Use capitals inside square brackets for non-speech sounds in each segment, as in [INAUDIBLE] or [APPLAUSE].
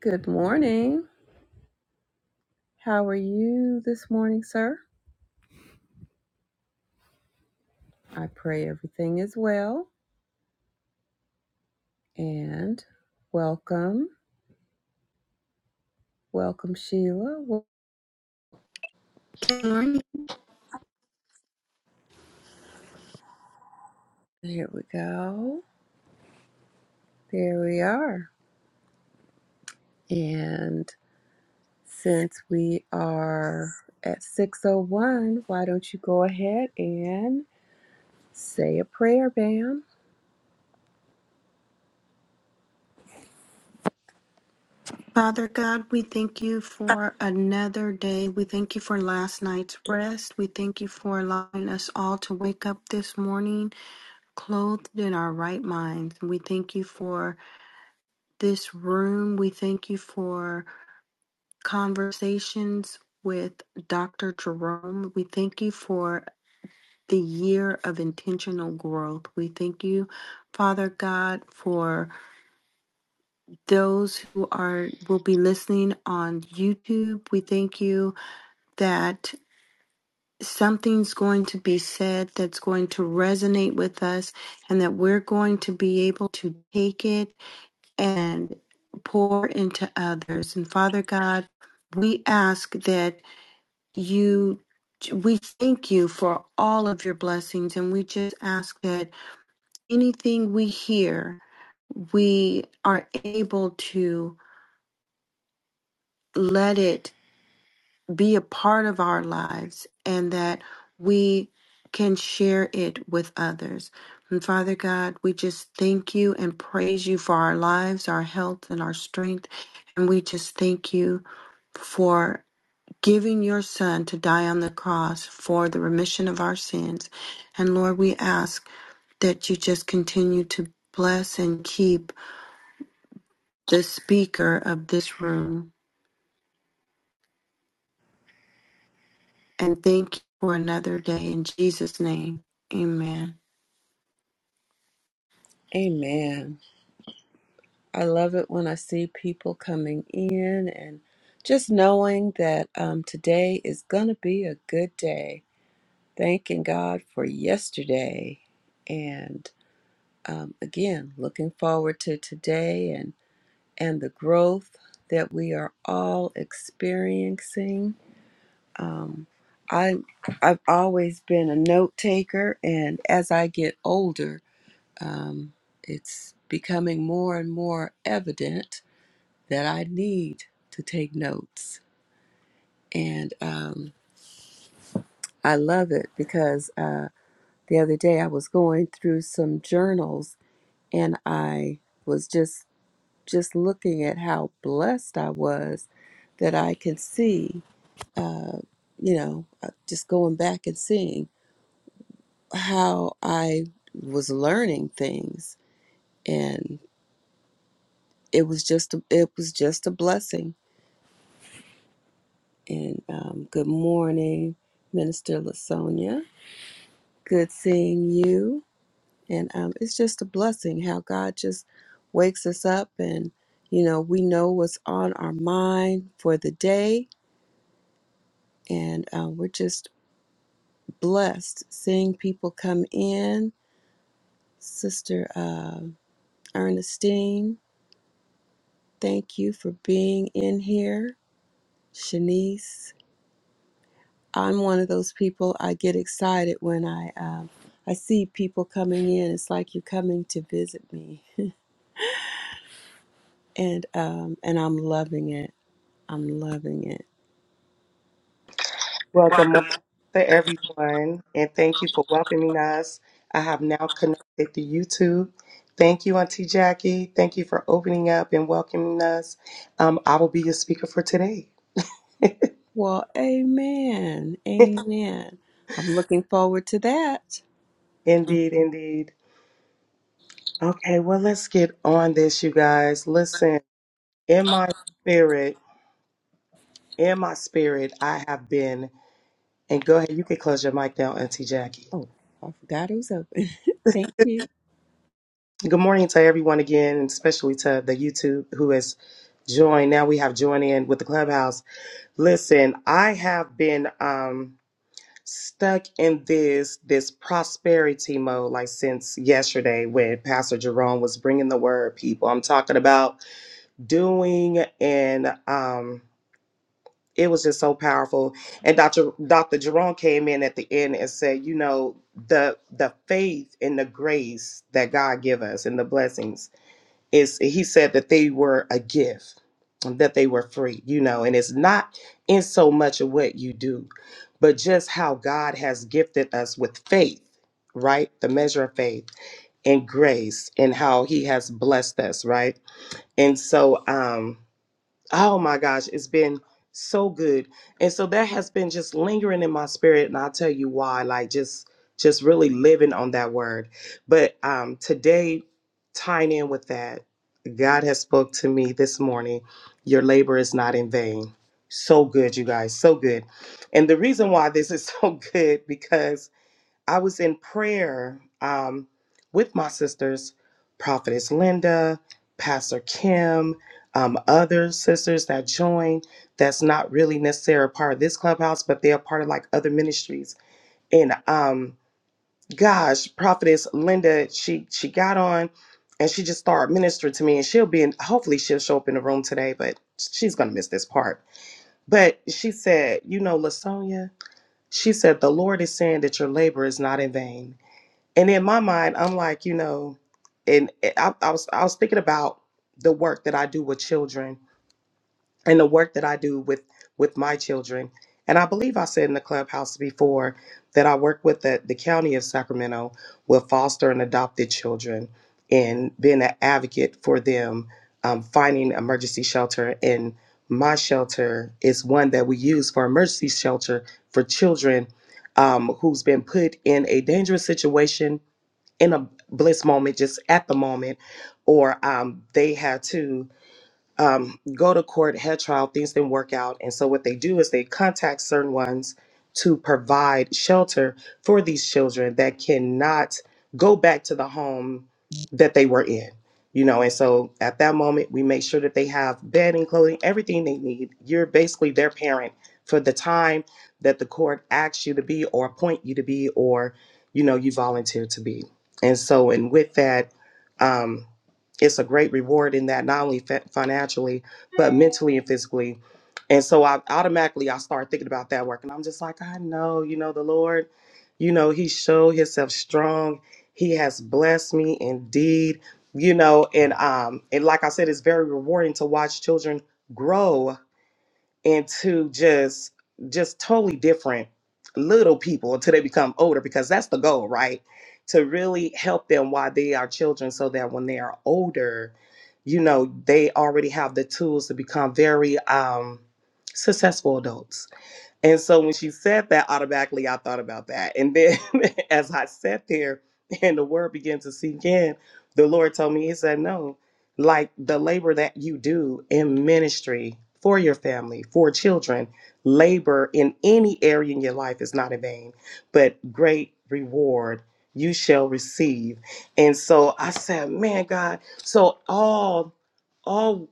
Good morning. How are you this morning, sir? I pray everything is well. And welcome. Welcome, Sheila. Wel- Lord, Here we go. There we are. And since we are at 601, why don't you go ahead and say a prayer, Bam? Father God, we thank you for another day. We thank you for last night's rest. We thank you for allowing us all to wake up this morning clothed in our right minds. We thank you for this room. We thank you for conversations with Dr. Jerome. We thank you for the year of intentional growth. We thank you, Father God, for those who are will be listening on YouTube. We thank you that something's going to be said that's going to resonate with us and that we're going to be able to take it and pour into others. And Father God, we ask that you we thank you for all of your blessings and we just ask that anything we hear we are able to let it be a part of our lives and that we can share it with others. And Father God, we just thank you and praise you for our lives, our health, and our strength. And we just thank you for giving your Son to die on the cross for the remission of our sins. And Lord, we ask that you just continue to bless and keep the speaker of this room and thank you for another day in Jesus' name. Amen. Amen. I love it when I see people coming in and just knowing that um, today is going to be a good day Thanking God for yesterday, and um, again looking forward to today and and the growth that we are all experiencing. Um, I I've always been a note taker, and as I get older, um, it's becoming more and more evident that I need to take notes, and um, I love it because uh, the other day I was going through some journals and I was just just looking at how blessed I was that I could see, you know, uh, just going back and seeing how I was learning things, and it was just a, it was just a blessing. And um, good morning, Minister Lasonia. Good seeing you, and um, it's just a blessing how God just wakes us up and. You know, we know what's on our mind for the day and uh, we're just blessed seeing people come in. Sister uh, Ernestine, thank you for being in here. Shanice, I'm one of those people. I get excited when I um, I see people coming in. It's like you're coming to visit me, and um, and I'm loving it. I'm loving it. Well, good morning to everyone, and thank you for welcoming us. I have now connected to YouTube. Thank you, Auntie Jackie. Thank you for opening up and welcoming us. Um, I will be your speaker for today. Well, amen, [LAUGHS] amen. I'm looking forward to that. Indeed, indeed. Okay, well, let's get on this, you guys. Listen, in my spirit, in my spirit, I have been, and go ahead, you can close your mic down, Auntie Jackie. Oh, I forgot it was open. [LAUGHS] thank you. Good morning to everyone again, and especially to the YouTube who has joined. Now we have joined in with the clubhouse. Listen, I have been um, stuck in this this prosperity mode like since yesterday when Pastor Jerome was bringing the word. People, I'm talking about doing, and um, it was just so powerful. And Doctor Doctor Jerome came in at the end and said, you know, the the faith and the grace that God give us and the blessings is he said that they were a gift that they were free you know and it's not in so much of what you do but just how god has gifted us with faith right the measure of faith and grace and how he has blessed us right and so um Oh my gosh, it's been so good. And so that has been just lingering in my spirit and I'll tell you why like just just really living on that word. But um today tying in with that, God has spoke to me this morning, your labor is not in vain. So good, you guys, so good. And the reason why this is [LAUGHS] so good because I was in prayer um, with my sisters, Prophetess Linda, Pastor Kim, um, other sisters that joined that's not really necessarily a part of this clubhouse, but they are part of like other ministries. And um, gosh, Prophetess Linda, she she got on and she just started ministering to me, and she'll be in. Hopefully, she'll show up in the room today, but she's gonna miss this part. But she said, you know, Lasonia, she said the Lord is saying that your labor is not in vain. And in my mind, I'm like, you know, and I, I was I was thinking about the work that I do with children and the work that I do with with my children. And I believe I said in the clubhouse before that I work with the, the county of Sacramento with foster and adopted children and being an advocate for them um, finding emergency shelter. And my shelter is one that we use for emergency shelter for children um, who's been put in a dangerous situation in a bliss moment, just at the moment, or um, they had to um, go to court, had trial, things didn't work out. And so what they do is they contact certain ones to provide shelter for these children that cannot go back to the home that they were in. You know, and so at that moment, we make sure that they have bedding, clothing, everything they need. You're basically their parent for the time that the court asks you to be or appoint you to be or, you know, you volunteer to be. And so, and with that, um, it's a great reward in that not only fa- financially but mentally and physically and so i automatically i start thinking about that work and i'm just like i know you know the lord you know he showed himself strong he has blessed me indeed you know and um and like i said it's very rewarding to watch children grow into just just totally different little people until they become older because that's the goal right to really help them while they are children so that when they are older you know they already have the tools to become very um successful adults and so when she said that, automatically I thought about that. And then [LAUGHS] as I sat there and the word began to sink in, the Lord told me, He said, No, like the labor that you do in ministry for your family, for children, labor in any area in your life is not in vain, but great reward you shall receive. And so I said, Man, God, so all, all,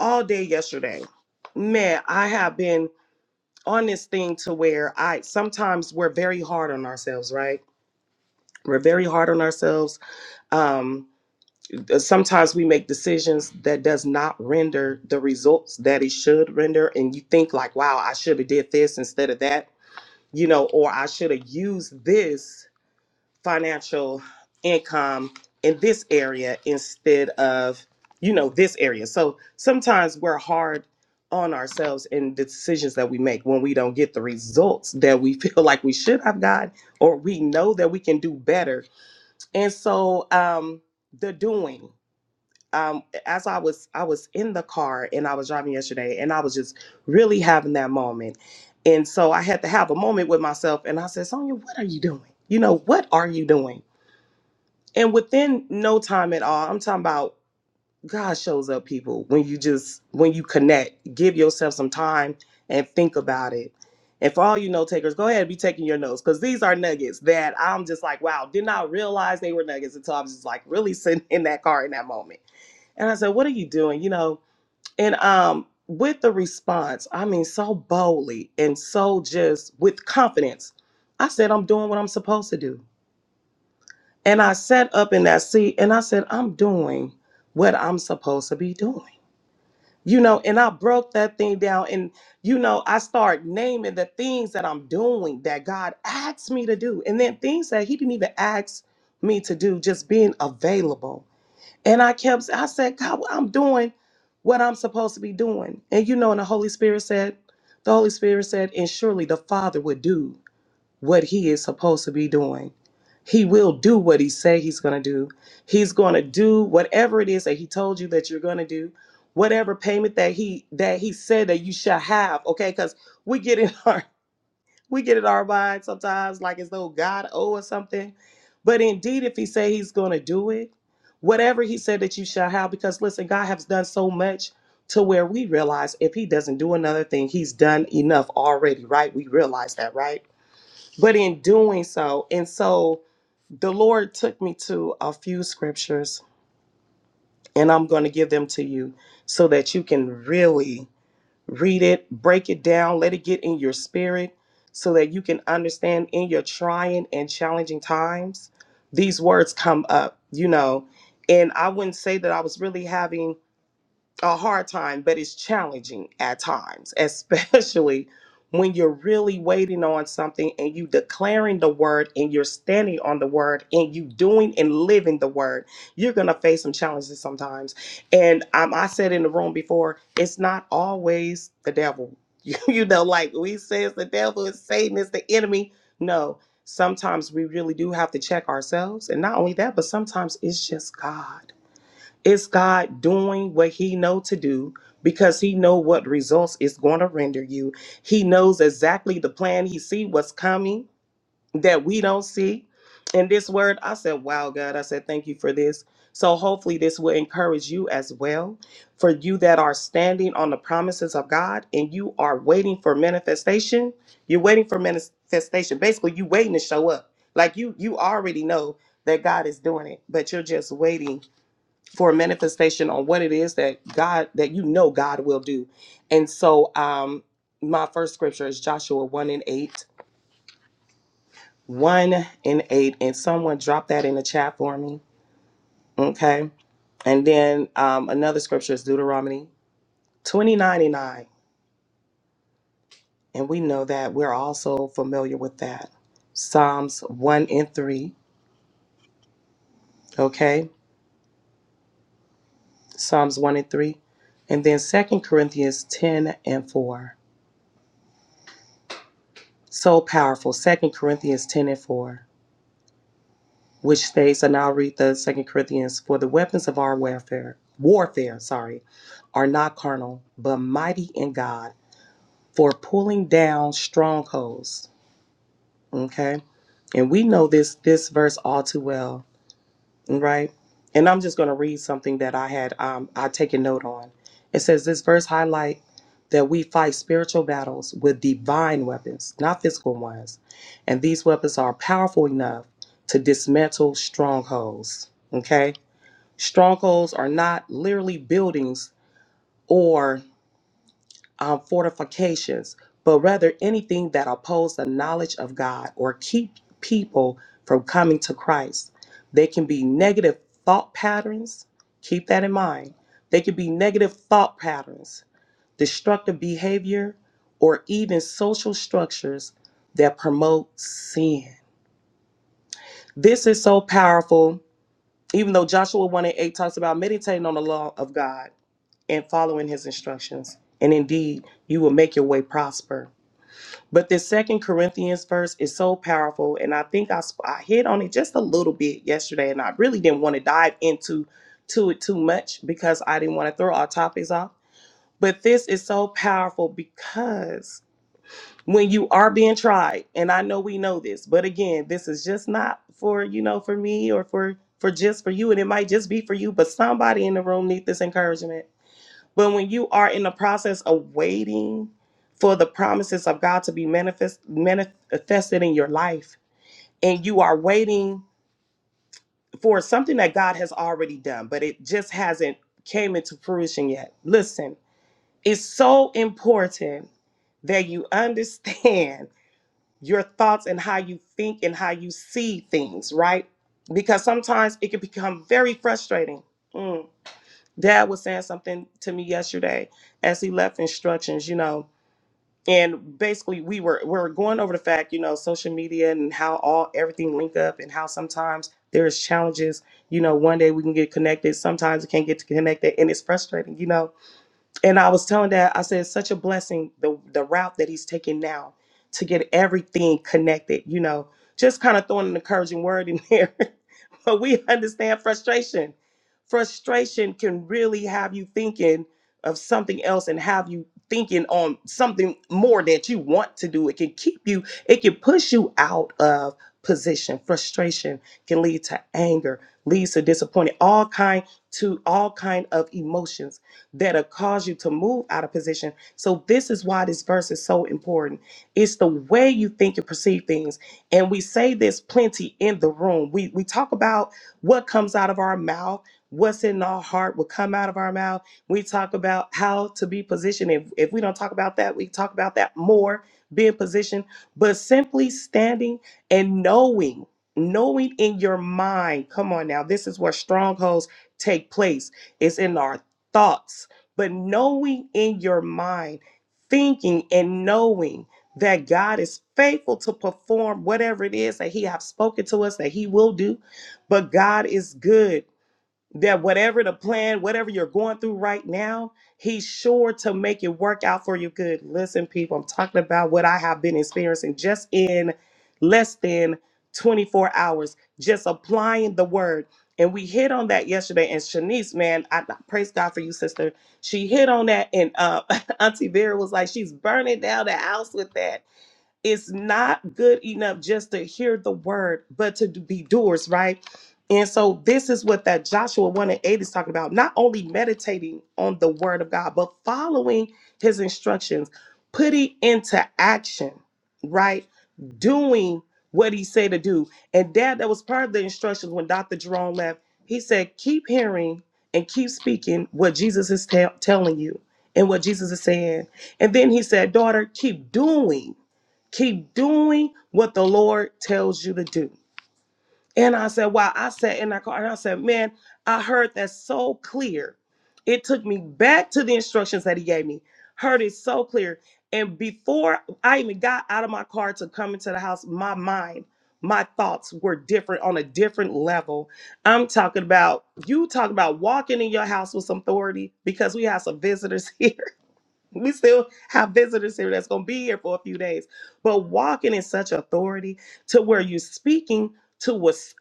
all day yesterday, man, I have been on this thing to where I sometimes we're very hard on ourselves, right? We're very hard on ourselves. Um, sometimes we make decisions that does not render the results that it should render, and you think like, "Wow, I should have did this instead of that," you know, or I should have used this financial income in this area instead of you know this area so sometimes we're hard on ourselves in the decisions that we make when we don't get the results that we [LAUGHS] feel like we should have got or we know that we can do better and so um the doing um as i was i was in the car and i was driving yesterday and i was just really having that moment and so i had to have a moment with myself and i said sonia what are you doing you know what are you doing and within no time at all i'm talking about god shows up people when you just when you connect give yourself some time and think about it and for all you note takers go ahead and be taking your notes because these are nuggets that i'm just like wow did not realize they were nuggets until i was just like really [LAUGHS] sitting in that car in that moment and i said what are you doing you know and um with the response i mean so boldly and so just with confidence i said i'm doing what i'm supposed to do and I sat up in that seat and I said, I'm doing what I'm supposed to be doing. You know, and I broke that thing down and, you know, I start naming the things that I'm doing that God asked me to do. And then things that He didn't even ask me to do, just being available. And I kept, I said, God, I'm doing what I'm supposed to be doing. And, you know, and the Holy Spirit said, the Holy Spirit said, and surely the Father would do what he is supposed to be doing. He will do what he say he's going to do. He's going to do whatever it is that he told you that you're going to do. Whatever payment that he that he said that you shall have, okay? Cuz we get in our [LAUGHS] we get in our mind sometimes like as though God owe us something. But indeed if he say he's going to do it, whatever he said that you shall have because listen, God has done so much to where we realize if he doesn't do another thing, he's done enough already, right? We realize that, right? but in doing so. And so the Lord took me to a few scriptures, and I'm going to give them to you so that you can really read it, break it down, let it get in your spirit so that you can understand in your trying and challenging times. These words come up, you know. And I wouldn't say that I was really having a hard time, but it's challenging at times, [LAUGHS] especially when you're really waiting on something and you declaring the word and you're standing on the word and you doing and living the word. You're gonna face some challenges sometimes. And um, I said in the room before, it's not always the devil. [LAUGHS] You, you know, like we says the devil is Satan is the enemy. No, sometimes we really do have to check ourselves, and not only that, but sometimes it's just God. Is God doing what he know to do because he know what results it's going to render you. He knows exactly the plan. He see what's coming that we don't see. And this word, I said, wow, God, I said, thank you for this. So hopefully this will encourage you as well. For you that are standing on the promises of God and you are waiting for manifestation, you're waiting for manifestation. Basically, you waiting to show up. Like you, you already know that God is doing it, but you're just waiting for a manifestation on what it is that God that you know God will do. And so um my first scripture is Joshua 1 and 8. 1 and 8. And someone drop that in the chat for me. Okay. And then um another scripture is Deuteronomy 29 and 9. And we know that we're also familiar with that. Psalms 1 and 3. Okay. Psalms 1 and 3. And then Second Corinthians 10 and 4. So powerful. Second Corinthians 10 and 4. which states, and I'll read the Second Corinthians, for the weapons of our warfare, warfare, sorry, are not carnal, but mighty in God for pulling down strongholds. Okay. And we know this this verse all too well, right? And I'm just gonna read something that I had um I take a note on. It says this verse highlight that we fight spiritual battles with divine weapons, not physical ones. And these weapons are powerful enough to dismantle strongholds. Okay Strongholds are not literally buildings or um, fortifications, but rather anything that oppose the knowledge of God or keep people from coming to Christ. They can be negative thought patterns. Keep that in mind. They can be negative thought patterns, destructive behavior, or even social structures that promote sin. This is so powerful. Even though Joshua 1 and 8 talks about meditating on the law of God and following his instructions. And indeed, you will make your way prosper. But this second Corinthians verse is so powerful. And I think I, sp- I hit on it just a little bit yesterday. And I really didn't want to dive into to it too much because I didn't want to throw our topics off. But this is so powerful because when you are being tried, and I know we know this, but again, this is just not for, you know, for me or for for just for you. And it might just be for you, but somebody in the room needs this encouragement but when you are in the process of waiting for the promises of God to be manifest, manifested in your life, and you are waiting for something that God has already done, but it just hasn't came into fruition yet. Listen, it's so important that you understand [LAUGHS] your thoughts and how you think and how you see things, right? Because sometimes it can become very frustrating. Mm. Dad was saying something to me yesterday as he left instructions, you know and basically we were we were going over the fact you know social media and how all everything link up and how sometimes there's challenges you know one day we can get connected sometimes we can't get connected and it's frustrating you know and i was telling that i said it's such a blessing the the route that he's taking now to get everything connected you know just kind of throwing an encouraging word in there [LAUGHS] [LAUGHS] we understand frustration. Frustration can really have you thinking of something else and have you thinking on something more that you want to do. It can keep you, it can push you out of position. Frustration can lead to anger, leads to disappointment, all kind to all kind of emotions that'll cause you to move out of position. So this is why this verse is so important. It's the way you think and perceive things and we say this plenty in the room. We we talk about what comes out of our mouth, what's in our heart will come out of our mouth. We talk about how to be positioned. If if we don't talk about that, we talk about that more, being positioned, but simply standing and knowing, knowing in your mind. Come on now, this is where strongholds take place. It's in our thoughts, but knowing in your mind, thinking and knowing that God is faithful to perform whatever it is that He have spoken to us that He will do. But God is good. That whatever the plan, whatever you're going through right now, He's sure to make it work out for you good. Listen, people, I'm talking about what I have been experiencing just in less than 24 hours, just applying the word. And we hit on that yesterday. And Shanice, man, I I praise God for you, sister. She hit on that. And uh, [LAUGHS] Auntie Vera was like, she's burning down the house with that it's not good enough just to hear the word, but to be doers, right? And so this is what that Joshua 1 and 8 is talking about. Not only meditating on the word of God, but following his instructions, putting into action, right? Doing what he said to do. And dad, that was part of the instructions when Dr. Jerome left. He said, keep hearing and keep speaking what Jesus is tell telling you and what Jesus is saying. And then he said, daughter, keep doing Keep doing what the Lord tells you to do. And I said, wow, I sat in that car and I said, man, I heard that so clear. It took me back to the instructions that he gave me. Heard it so clear. And before I even got out of my car to come into the house, my mind, my thoughts were different on a different level. I'm talking about you talking about walking in your house with some authority because we have some visitors [LAUGHS] We still have visitors here that's going to be here for a few days. But walking in such authority to where you're speaking to a s-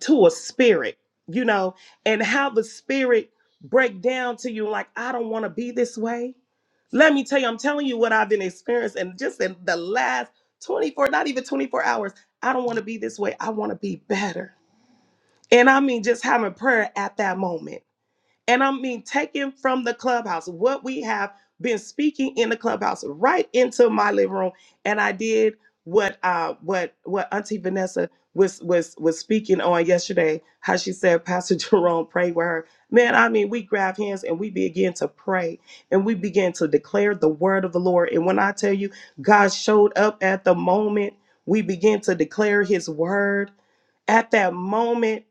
to a spirit, you know, and how the spirit break down to you like I don't want to be this way. Let me tell you, I'm telling you what I've been experiencing and just in the last 24, not even 24 hours. I don't want to be this way. I want to be better. And I mean just having prayer at that moment. And I mean, taken from the clubhouse, what we have been speaking in the clubhouse right into my living room. And I did what uh what what Auntie Vanessa was was was speaking on yesterday, how she said Pastor [LAUGHS] Jerome pray with her. Man, I mean, we grab hands and we begin to pray and we begin to declare the word of the Lord. And when I tell you God showed up at the moment, we begin to declare his word at that moment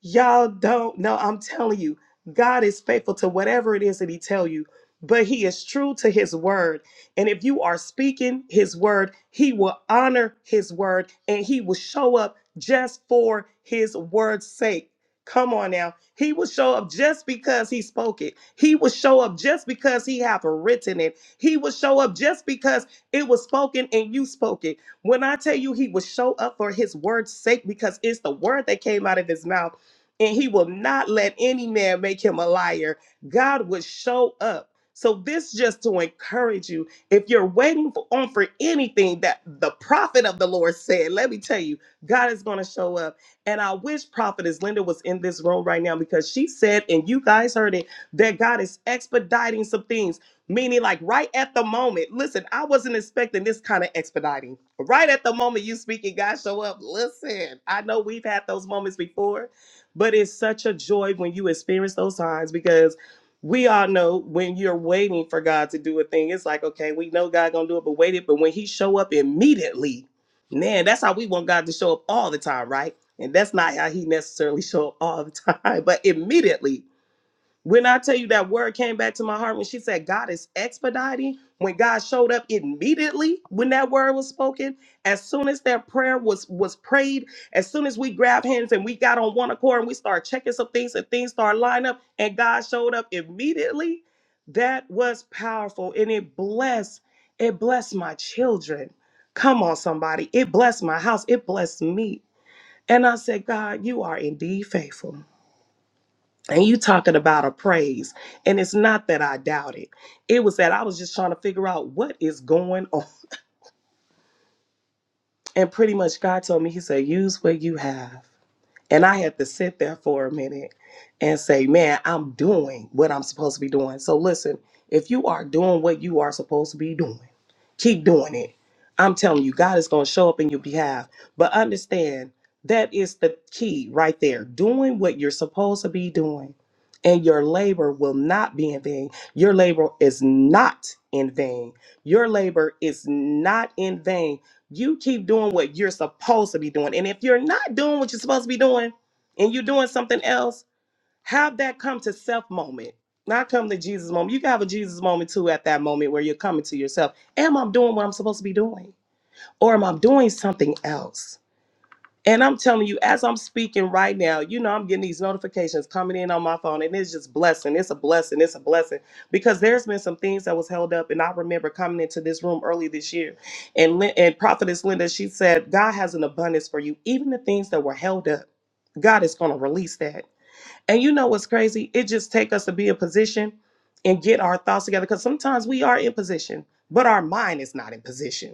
y'all don't know i'm telling you god is faithful to whatever it is that he tell you but he is true to his word and if you are speaking his word he will honor his word and he will show up just for his word's sake come on now he will show up just because he spoke it he will show up just because he have written it he will show up just because it was spoken and you spoke it when I tell you he will show up for his word's sake because it's the word that came out of his mouth and he will not let any man make him a liar. God would show up. So this just to encourage you, if you're waiting for, on for anything that the prophet of the Lord said, let me tell you, God is going to show up. And I wish prophetess Linda was in this room right now because she said, and you guys heard it, that God is expediting some things. Meaning, like right at the moment, listen, I wasn't expecting this kind of expediting. Right at the moment you speak and God show up, listen, I know we've had those moments before, but it's such a joy when you experience those times because we all know when you're waiting for God to do a thing, it's like, okay, we know God gonna do it, but wait it. But when he show up immediately, man, that's how we want God to show up all the time, right? And that's not how he necessarily [LAUGHS] show up all the time, [LAUGHS] but immediately. When I tell you that word came back to my heart when she said God is expediting, when God showed up immediately when that word was spoken, as soon as that prayer was was prayed, as soon as we grabbed hands and we got on one accord and we started checking some things and things started lining up and God showed up immediately, that was powerful and it blessed it blessed my children. Come on somebody, it blessed my house, it blessed me. And I said, God, you are indeed faithful and you talking about a praise and it's not that i doubt it it was that i was just trying to figure out what is going on and pretty much god told me he said use what you have and I had to sit there for a minute and say, man, I'm doing what I'm supposed to be doing. So listen, if you are doing what you are supposed to be doing, keep doing it. I'm telling you, God is going to show up in your behalf. But understand that is the key right there doing what you're supposed to be doing. And your labor will not be in vain. Your labor is not in vain. Your labor is not in vain you keep doing what you're supposed to be doing. And if you're not doing what you're supposed to be doing and you're doing something else, have that come to self moment, not come to Jesus moment. You can have a Jesus moment too at that moment where you're coming to yourself. Am I doing what I'm supposed to be doing? Or am I doing something else? And I'm telling you, as I'm speaking right now, you know, I'm getting these notifications coming in on my phone, and it's just blessing. It's a blessing. It's a blessing because there's been some things that was held up, and I remember coming into this room early this year, and Lin- and Prophetess Linda, she said, God has an abundance for you, even the things that were held up. God is going to release that. And you know what's crazy? It just take us to be in position and get our thoughts together because sometimes we are in position, but our mind is not in position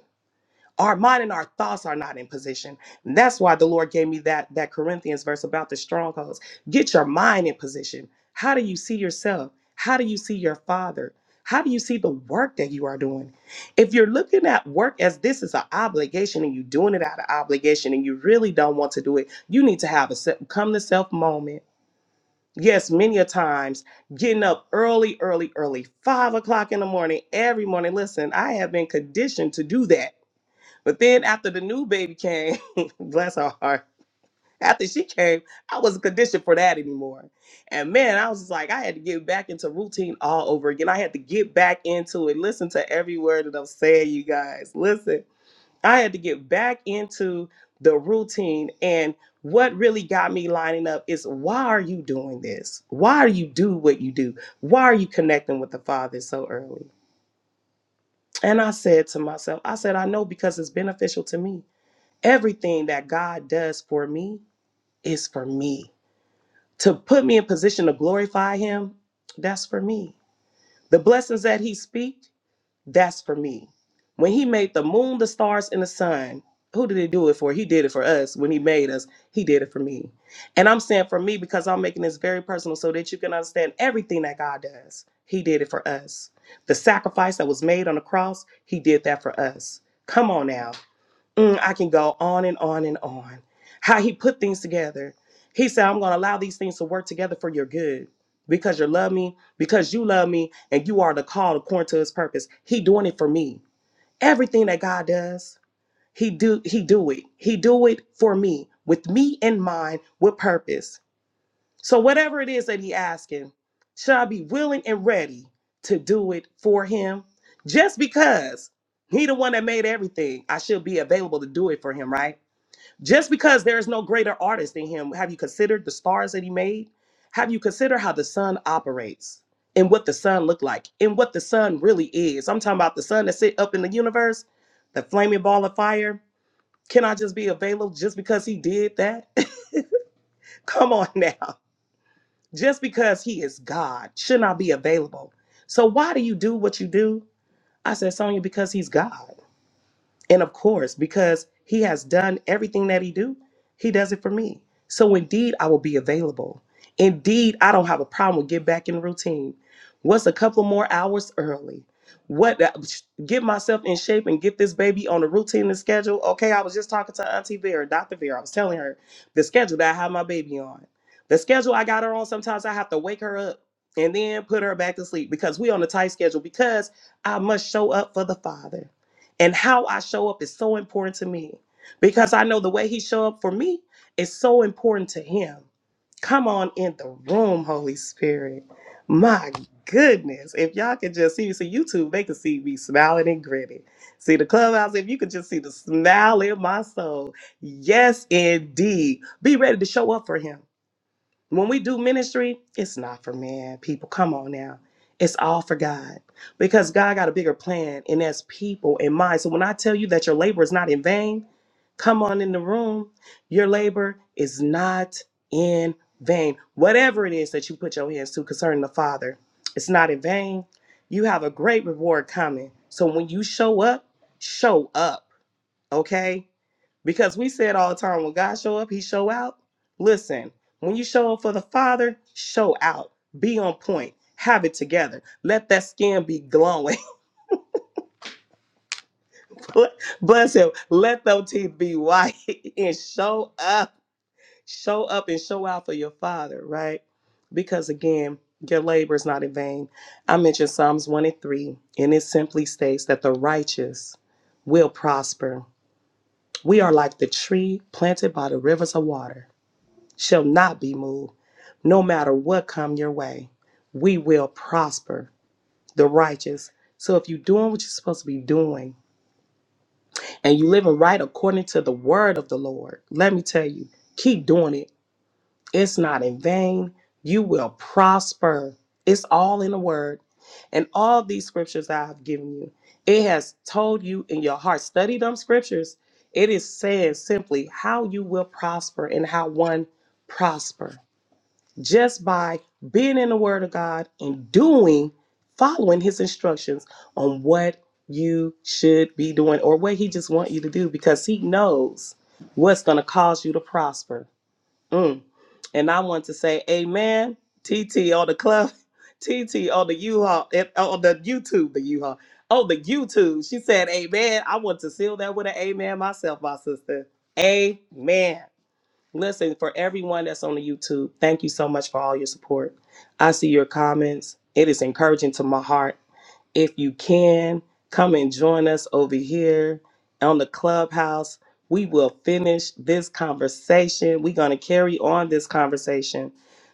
our mind and our thoughts are not in position. And that's why the Lord gave me that that Corinthians verse about the strongholds. Get your mind in position. How do you see yourself? How do you see your father? How do you see the work that you are doing? If you're looking at work as this is an obligation and you're doing it out of obligation and you really don't want to do it, you need to have a se- come to self moment. Yes, many a times getting up early, early, early, five o'clock in the morning, every morning. Listen, I have been conditioned to do that but then after the new baby came, [LAUGHS] bless her heart, after she came, I wasn't conditioned for that anymore. And man, I was just like, I had to get back into routine all over again. I had to get back into it. Listen to every word that I'm saying, you guys. Listen, I had to get back into the routine. And what really got me lining up is why are you doing this? Why do you do what you do? Why are you connecting with the Father so early? And I said to myself, I said, I know because it's beneficial to me everything that God does for me is for me. To put me in position to glorify him, that's for me. The blessings that he speaks, that's for me. When he made the moon, the stars, and the sun, who did he do it for? He did it for us. When he made us, he did it for me. And I'm saying for me because I'm making this very personal so that you can understand everything that God does. He did it for us. The sacrifice that was made on the cross, he did that for us. Come on now. Mm, I can go on and on and on. How he put things together. He said, I'm going to allow these things to work together for your good because you love me, because you love me, and you are the call according to his purpose. He doing it for me. Everything that God does, he do he do it. He do it for me with me in mind with purpose. So whatever it is that he asking, shall I be willing and ready to do it for him? Just because he the one that made everything, I should be available to do it for him, right? Just because there is no greater artist than him, have you considered the stars that he made? Have you considered how the sun operates and what the sun looked like and what the sun really is? I'm talking about the sun that sit up in the universe, the flaming ball of fire. Can I just be available just because he did that? [LAUGHS] Come on now. Just because he is God should not be available. So why do you do what you do? I said, Sonya, because he's God. And of course, because he has done everything that he do, he does it for me. So indeed, I will be available. Indeed, I don't have a problem with get back in routine. What's a couple more hours early? What get myself in shape and get this baby on a routine and schedule? Okay, I was just talking to Auntie Vera, Dr. Vera. I was telling her the schedule that I have my baby on. The schedule I got her on, sometimes I have to wake her up and then put her back to sleep because we on a tight schedule because I must show up for the father and how I show up is so important to me because I know the way he show up for me is so important to him. Come on in the room, Holy Spirit. My goodness, if y'all could just see me, see YouTube, they could see me smiling and grinning. See the clubhouse, if you could just see the smile in my soul. Yes, indeed. Be ready to show up for him. When we do ministry, it's not for man, people. Come on now. It's all for God because God got a bigger plan, and that's people in mind. So when I tell you that your labor is not in vain, come on in the room. Your labor is not in vain. Whatever it is that you put your hands to concerning the Father, it's not in vain. You have a great reward coming. So when you show up, show up. Okay? Because we say it all the time, when God show up, he show out. Listen, when you show up for the Father, show out. Be on point. Have it together. Let that skin be glowing. [LAUGHS] Bless him. Let those teeth be white [LAUGHS] and show up. Show up and show out for your father, right? Because again, your labor is not in vain. I mentioned Psalms 1 and 3, and it simply states that the righteous will prosper. We are like the tree planted by the rivers of water shall not be moved. No matter what come your way, we will prosper the righteous. So if you're doing what you're supposed to be doing and you living right according to the word of the Lord, let me tell you, keep doing it. It's not in vain. You will prosper. It's all in the word. And all these scriptures I have given you, it has told you in your heart, study them scriptures. It is saying simply how you will prosper and how one prosper just by being in the Word of God and doing, following His instructions on what you should be doing or what He just want you to do because He knows what's going to cause you to prosper. Mm. And I want to say, Amen, TT on the club, [LAUGHS] TT on the U-Haul, eh, on the YouTube, the U-Haul. On the YouTube, she said, Amen. I want to seal that with an amen myself, my sister. Amen. Listen, for everyone that's on the YouTube, thank you so much for all your support. I see your comments. It is encouraging to my heart if you can, come and join us over here on the clubhouse. We will finish this conversation. We're going to carry on this conversation.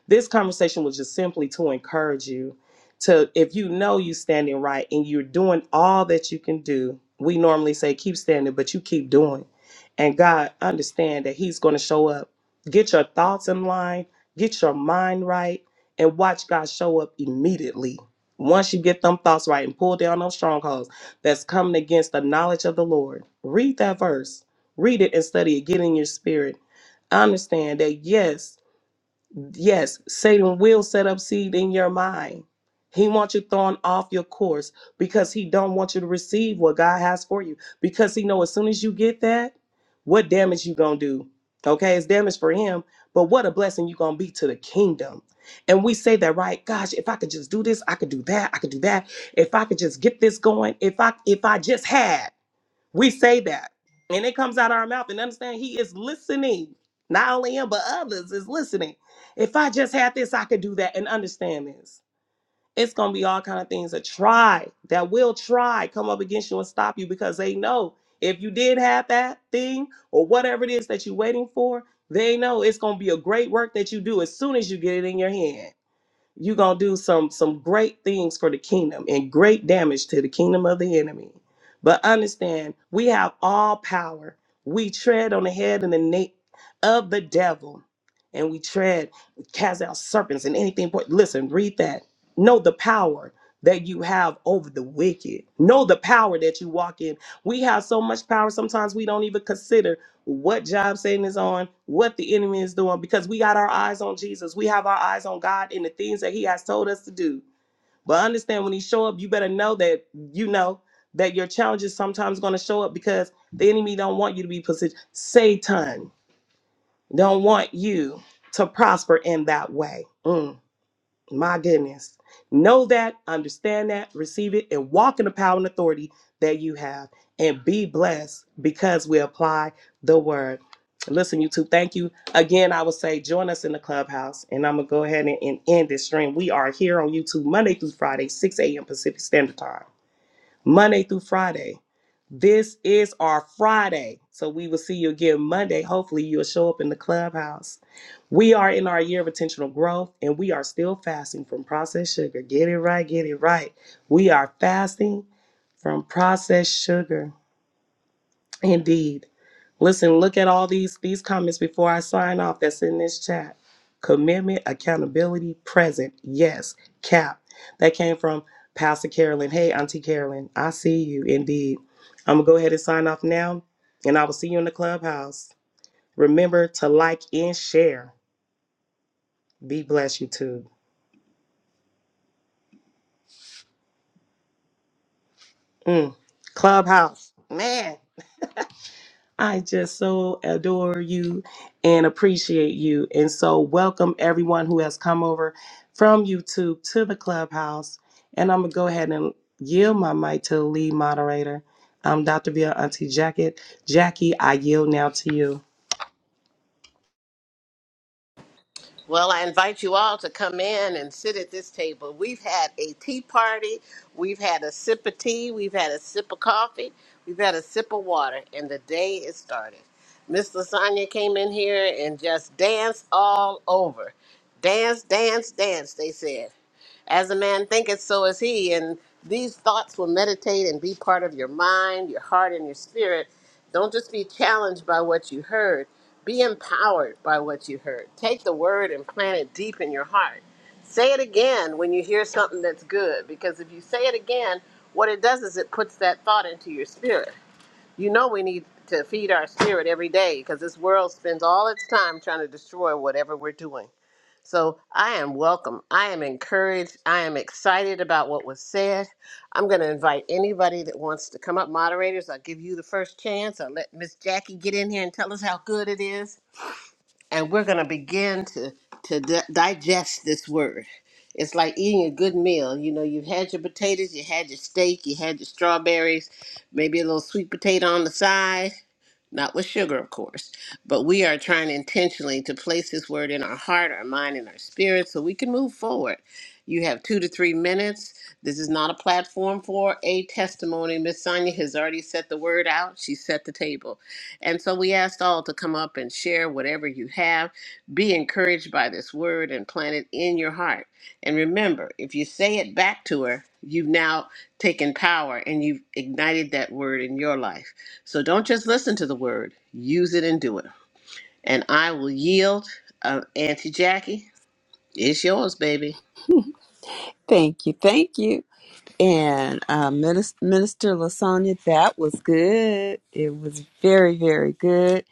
This conversation was just simply to encourage you to, if you know you're standing right and you're doing all that you can do, we normally say keep standing, but you keep doing. And God, understand that He's going to show up. Get your thoughts in line, get your mind right, and watch God show up immediately once you get them thoughts right and pull down those strongholds that's coming against the knowledge of the Lord, read that verse. Read it and study it. Get in your spirit. Understand that yes. Yes, Satan will set up seed in your mind. He wants you thrown off your course because he don't want you to receive what God has for you. Because he know as soon as you get that, what damage you gonna do? Okay, it's damage for him, but what a blessing you gonna be to the kingdom. And we say that, right? Gosh, if I could just do this, I could do that, I could do that. If I could just get this going, if I if I just had. We say that, and it comes out of our mouth. And understand, He is listening. Not only Him, but others is listening. If I just had this, I could do that. And understand this. It's gonna be all kind of things that try, that will try, come up against you and stop you because they know if you did have that thing or whatever it is that you're waiting for, they know it's gonna be a great work that you do as soon as you get it in your hand. You're gonna do some some great things for the kingdom and great damage to the kingdom of the enemy. But understand, we have all power. We tread on the head and the neck of the devil, and we tread, cast out serpents and anything. But listen, read that. Know the power that you have over the wicked. Know the power that you walk in. We have so much power. Sometimes we don't even consider what job Satan is on, what the enemy is doing, because we got our eyes on Jesus. We have our eyes on God and the things that He has told us to do. But understand when He show up, you better know that you know that your challenge is sometimes going to show up because the enemy don't want you to be positioned. Satan don't want you to prosper in that way. Mm. My goodness. Know that, understand that, receive it, and walk in the power and authority that you have. And be blessed because we apply the word. Listen, YouTube, thank you. Again, I would say join us in the clubhouse. And I'm going to go ahead and, and end this stream. We are here on YouTube Monday through Friday, 6 a.m. Pacific Standard Time. Monday through Friday. This is our Friday. So we will see you again Monday. Hopefully, you'll show up in the clubhouse. We are in our year of intentional growth and we are still fasting from processed sugar. Get it right, get it right. We are fasting from processed sugar. Indeed. Listen, look at all these these comments before I sign off that's in this chat. Commitment, accountability, present. Yes. Cap. That came from Pastor Carolyn. Hey, Auntie Carolyn, I see you indeed. I'm gonna go ahead and sign off now, and I will see you in the clubhouse. Remember to like and share. Be blessed, YouTube. Mm. Clubhouse. Man. I just so adore you and appreciate you. And so, welcome everyone who has come over from YouTube to the clubhouse. And I'm going to go ahead and yield my mic to the lead moderator, um, Dr. Bill Auntie Jacket. Jackie, I yield now to you. Well, I invite you all to come in and sit at this table. We've had a tea party, we've had a sip of tea, we've had a sip of coffee, we've had a sip of water, and the day is started. Miss Lasagna came in here and just danced all over. Dance, dance, dance, they said. As a man thinketh, so is he. And these thoughts will meditate and be part of your mind, your heart, and your spirit. Don't just be challenged by what you heard, be empowered by what you heard. Take the word and plant it deep in your heart. Say it again when you hear something that's good, because if you say it again, what it does is it puts that thought into your spirit. You know, we need to feed our spirit every day because this world spends all its time trying to destroy whatever we're doing. So I am welcome. I am encouraged. I am excited about what was said. I'm going to invite anybody that wants to come up, moderators. I'll give you the first chance. I'll let Miss Jackie get in here and tell us how good it is. And we're going to begin to, to di- digest this word. It's like eating a good meal. You know, you've had your potatoes, you had your steak, you had your strawberries, maybe a little sweet potato on the side not with sugar, of course, but we are trying intentionally to place this word in our heart, our mind, and our spirit so we can move forward. You have two to three minutes. This is not a platform for a testimony. Miss Sonia has already set the word out, she set the table. And so we asked all to come up and share whatever you have. Be encouraged by this word and plant it in your heart. And remember, if you say it back to her, you've now taken power and you've ignited that word in your life. So don't just listen to the word, use it and do it. And I will yield. Uh, Auntie Jackie, it's yours, baby. Thank you, thank you. And uh, Minister, Minister Lasagna, that was good. It was very, very good.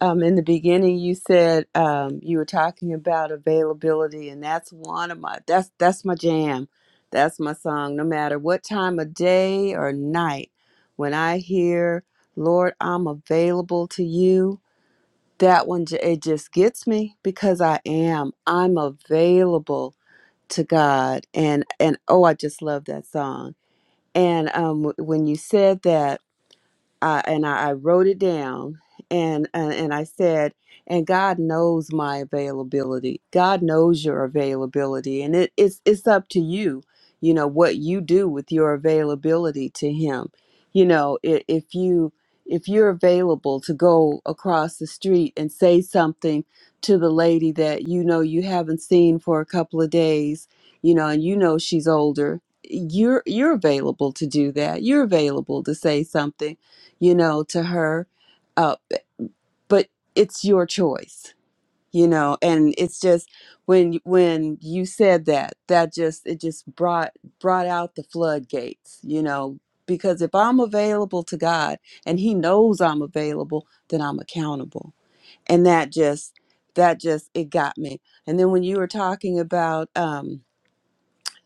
Um, in the beginning, you said um, you were talking about availability, and that's one of my that's that's my jam. That's my song. No matter what time of day or night, when I hear "Lord, I'm available to you," that one j- it just gets me because I am. I'm available to God and and oh I just love that song. And um w- when you said that uh, and I, I wrote it down and, and and I said, and God knows my availability. God knows your availability, and it, it's it's up to you, you know, what you do with your availability to Him. You know, i- if you if you're available to go across the street and say something to the lady that you know you haven't seen for a couple of days, you know, and you know she's older, you're you're available to do that. You're available to say something you know, to her. Uh, but it's your choice, you know, and it's just when when you said that, that just it just brought brought out the floodgates, you know, because if I'm available to God and He knows I'm available, then I'm accountable, and that just that just it got me. And then when you were talking about um,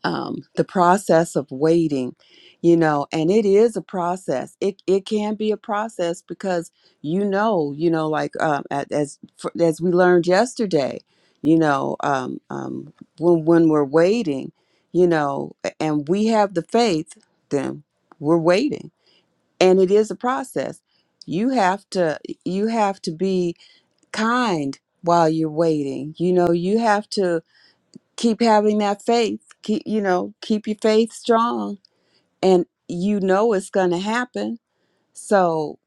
um, the process of waiting you know and it is a process it, it can be a process because you know you know like um, a- as for- as we learned yesterday you know um, um, when when we're waiting you know a- and we have the faith then we're waiting and it is a process you have to you have to be kind while you're waiting you know you have to keep having that faith keep you know keep your faith strong and you know it's going to happen so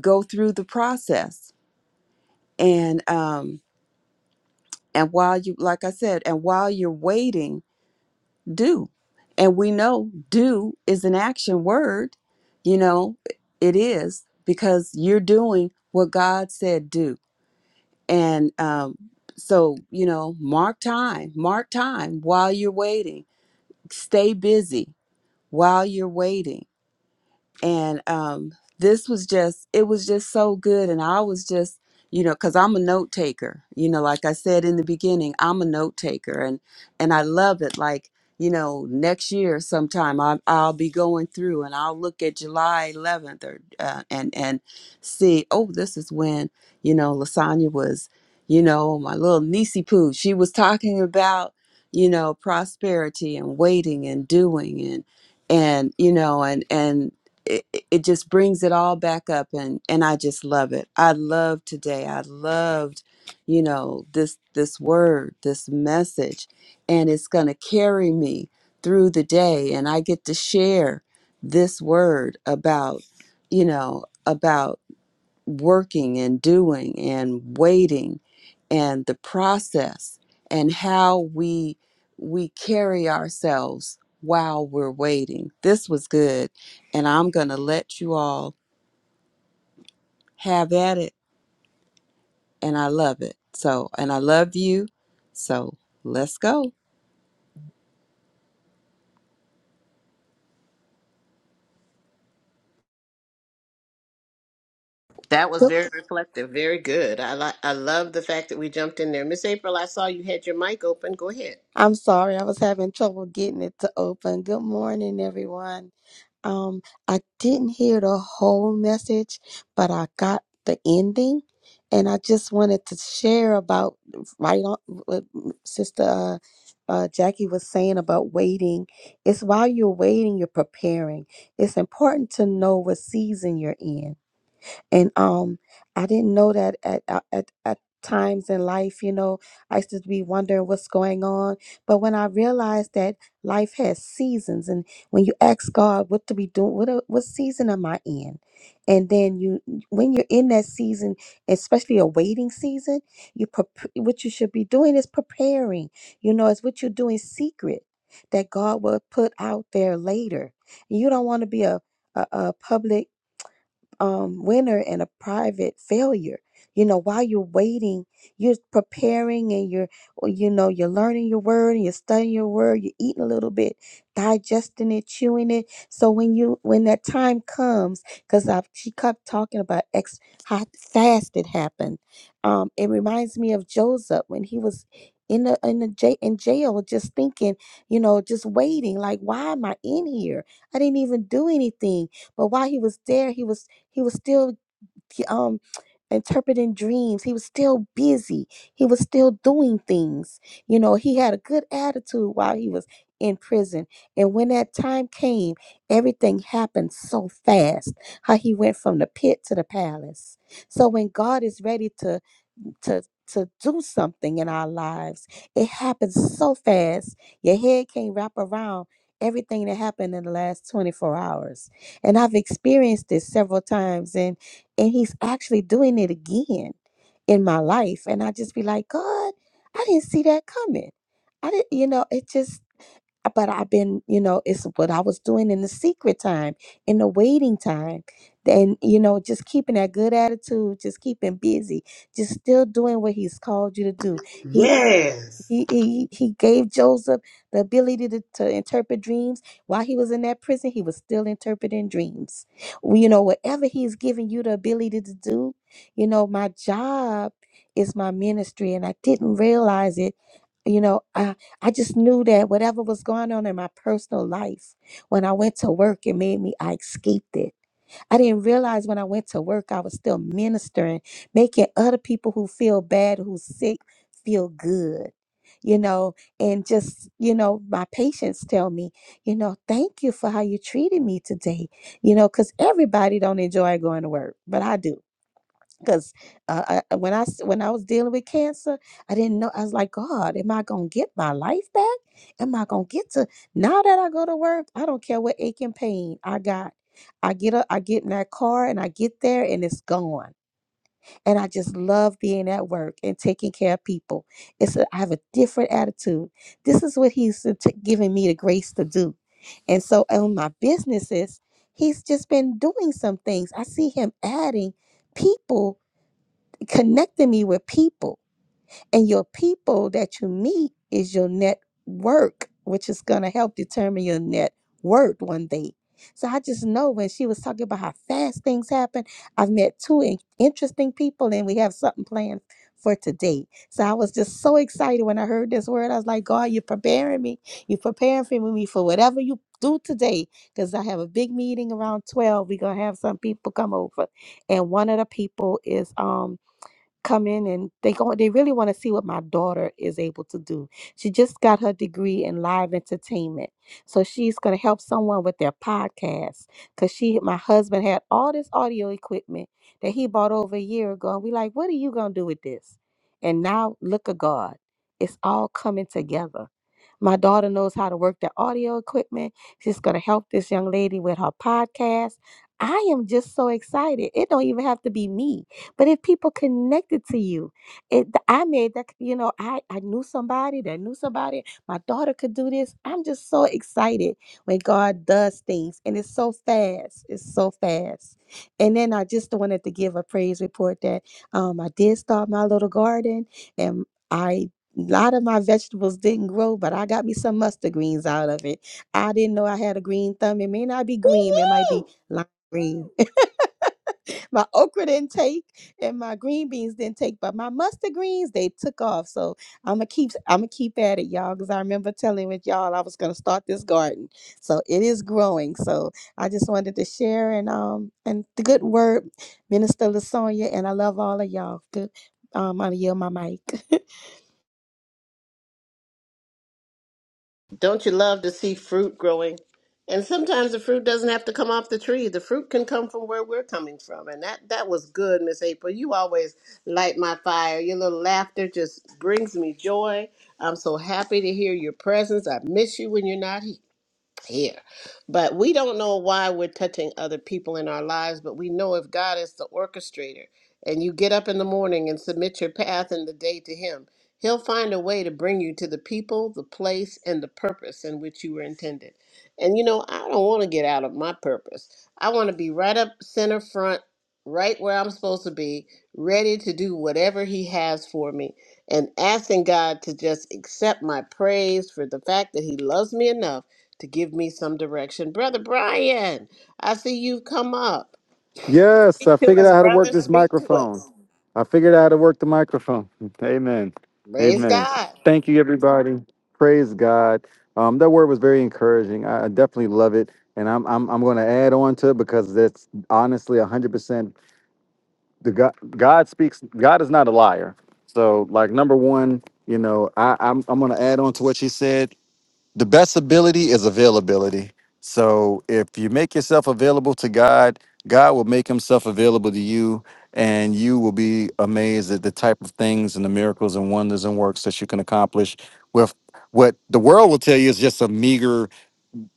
go through the process and um and while you like i said and while you're waiting do and we know do is an action word you know it is because you're doing what god said do and um so you know mark time mark time while you're waiting stay busy while you're waiting and um this was just it was just so good and i was just you know because i'm a note taker you know like i said in the beginning i'm a note taker and and i love it like you know next year sometime I, i'll be going through and i'll look at july 11th or uh, and and see oh this is when you know lasagna was you know my little niecey poo she was talking about you know prosperity and waiting and doing and and you know and and it, it just brings it all back up and and I just love it. I love today. I loved, you know, this this word, this message and it's going to carry me through the day and I get to share this word about, you know, about working and doing and waiting and the process and how we we carry ourselves while we're waiting. This was good and I'm going to let you all have at it and I love it. So, and I love you. So, let's go. That was Good- very reflective. Very good. I, li- I love the fact that we jumped in there. Miss April, I saw you had your mic open. Go ahead. I'm sorry, I was having trouble getting it to open. Good morning, everyone. Um, I didn't hear the whole message, but I got the ending, and I just wanted to share about right on what Sister uh, uh, Jackie was saying about waiting. It's while you're waiting, you're preparing. It's important to know what season you're in and um i didn't know that at at, at at times in life you know i used to be wondering what's going on but when i realized that life has seasons and when you ask god what to be doing what a- what season am i in and then you when you're in that season especially a waiting season you prep- what you should be doing is preparing you know it's what you're doing secret that god will put out there later you don't want to be a a, a public um, winner and a private failure. You know, while you're waiting, you're preparing and you're, or, you know, you're learning your word and you're studying your word. You're eating a little bit, digesting it, chewing it. So when you, when that time comes, because I've she kept talking about ex, how fast it happened. Um, it reminds me of Joseph when he was in the in the j in jail, just thinking, you know, just waiting. Like, why am I in here? I didn't even do anything. But while he was there, he was he was still um, interpreting dreams. He was still busy. He was still doing things. You know, he had a good attitude while he was in prison. And when that time came, everything happened so fast. How he went from the pit to the palace. So when God is ready to to to do something in our lives. It happens so fast. Your head can't wrap around everything that happened in the last 24 hours. And I've experienced this several times and and he's actually doing it again in my life and I just be like, "God, I didn't see that coming." I didn't, you know, it just but I've been, you know, it's what I was doing in the secret time, in the waiting time. Then, you know, just keeping that good attitude, just keeping busy, just still doing what he's called you to do. He Yes. he, he he gave Joseph the ability to, to interpret dreams. While he was in that prison, he was still interpreting dreams. Well, You know, whatever he's giving you the ability to do, you know, my job is my ministry, and I didn't realize it. You know, I I just knew that whatever was going on in my personal life, when I went to work, it made me I escaped it I didn't realize when I went to work, I was still ministering, making other people who feel bad, who's sick, feel good. You know, and just, you know, my patients tell me, you know, thank you for how you treated me today. You know, because everybody don't enjoy going to work, but I do because uh, I, uh, when I s- when I was dealing with cancer, I didn't know. I was like, God, am I gonna get my life back? Am I gonna get to now that I go to work? I don't care what ache and pain I got. I get up, I get in that car, and I get there, and it's gone. And I just love being at work and taking care of people. It's a, I have a different attitude. This is what He's t- t- giving me the grace to do. And so on my businesses, He's just been doing some things. I see Him adding people connecting me with people. And your people that you meet is your network, which is going to help determine your net worth one day. So I just know when she was talking about how fast things happen, I've met two in- interesting people and we have something planned for today. So I was just so excited when I heard this word. I was like, God, you're preparing me. You're preparing for me for whatever you do today because I have a big meeting around 12. We're going to have some people come over. And one of the people is um come in and they go they really want to see what my daughter is able to do. She just got her degree in live entertainment. So she's going to help someone with their podcast cuz she my husband had all this audio equipment that he bought over a year ago and we like what are you going to do with this? And now look at God. It's all coming together my daughter knows how to work the audio equipment. She's going to help this young lady with her podcast. I am just so excited. It don't even have to be me, but if people connected to you, it I made that you know I I knew somebody that knew somebody. My daughter could do this. I'm just so excited when God does things, and it's so fast. It's so fast. And then I just wanted to give a praise report that um, I did start my little garden, and I. A lot of my vegetables didn't grow, but I got me some mustard greens out of it. I didn't know I had a green thumb. It may not be green, it might Woo be woo! lime green. [LAUGHS] my okra didn't take and my green beans didn't take, but my mustard greens, they took off. So I'ma keep I'ma keep at it, y'all, because I remember telling with y'all I was gonna start this garden. So it is growing. So I just wanted to share and um and the good word, Minister Lasonia, and I love all of y'all. Good um, I yield my mic. [LAUGHS] Don't you love to see fruit growing? And sometimes the fruit doesn't have to come off the tree. The fruit can come from where we're coming from. And that that was good, Miss April. You always light my fire. Your little laughter just brings me joy. I'm so happy to hear your presence. I miss you when you're not here here. But we don't know why we're touching other people in our lives, but we know if God is the orchestrator and you get up in the morning and submit your path in the day to Him, He'll find a way to bring you to the people, the place, and the purpose in which you were intended. And you know, I don't want to get out of my purpose. I want to be right up center front, right where I'm supposed to be, ready to do whatever He has for me. And asking God to just accept my praise for the fact that He loves me enough to give me some direction. Brother Brian, I see you've come up. Yes, I Speak to figured us, out how to work brother. this Speak to microphone. us. I figured out how to work the microphone. [LAUGHS] Amen. Praise Amen. God. Thank you, everybody. Praise God. Um, that word was very encouraging. I, I definitely love it, and I'm I'm I'm going to add on to it because that's honestly 100. percent The God God speaks. God is not a liar. So, like number one, you know, I I'm I'm going to add on to what she said the best ability is availability. So if you make yourself available to God, God will make himself available to you and you will be amazed at the type of things and the miracles and wonders and works that you can accomplish with what the world will tell you is just a meager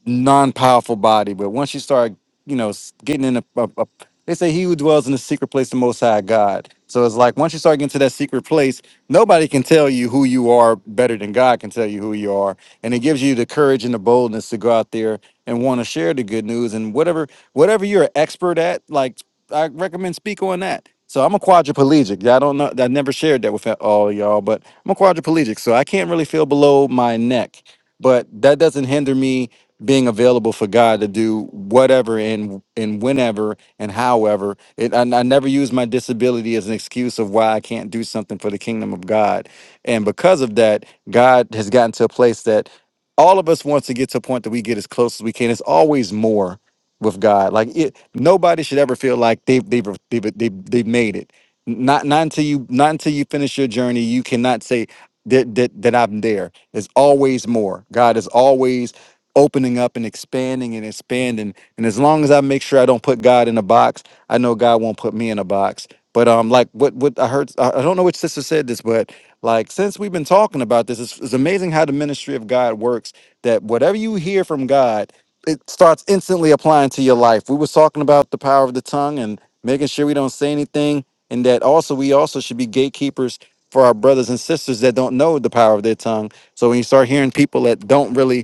non-powerful body, but once you start, you know, s- getting in a, a, a- they say he who dwells in the secret place, the Most High God. So it's like once you start getting to that secret place, nobody can tell you who you are better than God can tell you who you are, and it gives you the courage and the boldness to go out there and want to share the good news and whatever whatever you're an expert at. Like I recommend speak on that. So I'm a quadriplegic. Yeah, I don't know. I never shared that with all y'all, but I'm a quadriplegic, so I can't really feel below my neck. But that doesn't hinder me being available for God to do whatever and and whenever and however. It I, I never use my disability as an excuse of why I can't do something for the kingdom of God. And because of that, God has gotten to a place that all of us wants to get to a point that we get as close as we can. It's always more with God. Like it, nobody should ever feel like they've they've they've they've, they've made it. Not not until you not until you finish your journey, you cannot say that that that I'm there. There's always more. God is always opening up and expanding and expanding. And as long as I make sure I don't put God in a box, I know God won't put me in a box. But um, like what what I heard, I I don't know which sister said this, but like since we've been talking about this, it's, it's amazing how the ministry of God works. That whatever you hear from God, it starts instantly applying to your life. We was talking about the power of the tongue and making sure we don't say anything, and that also we also should be gatekeepers for our brothers and sisters that don't know the power of their tongue. So when you start hearing people that don't really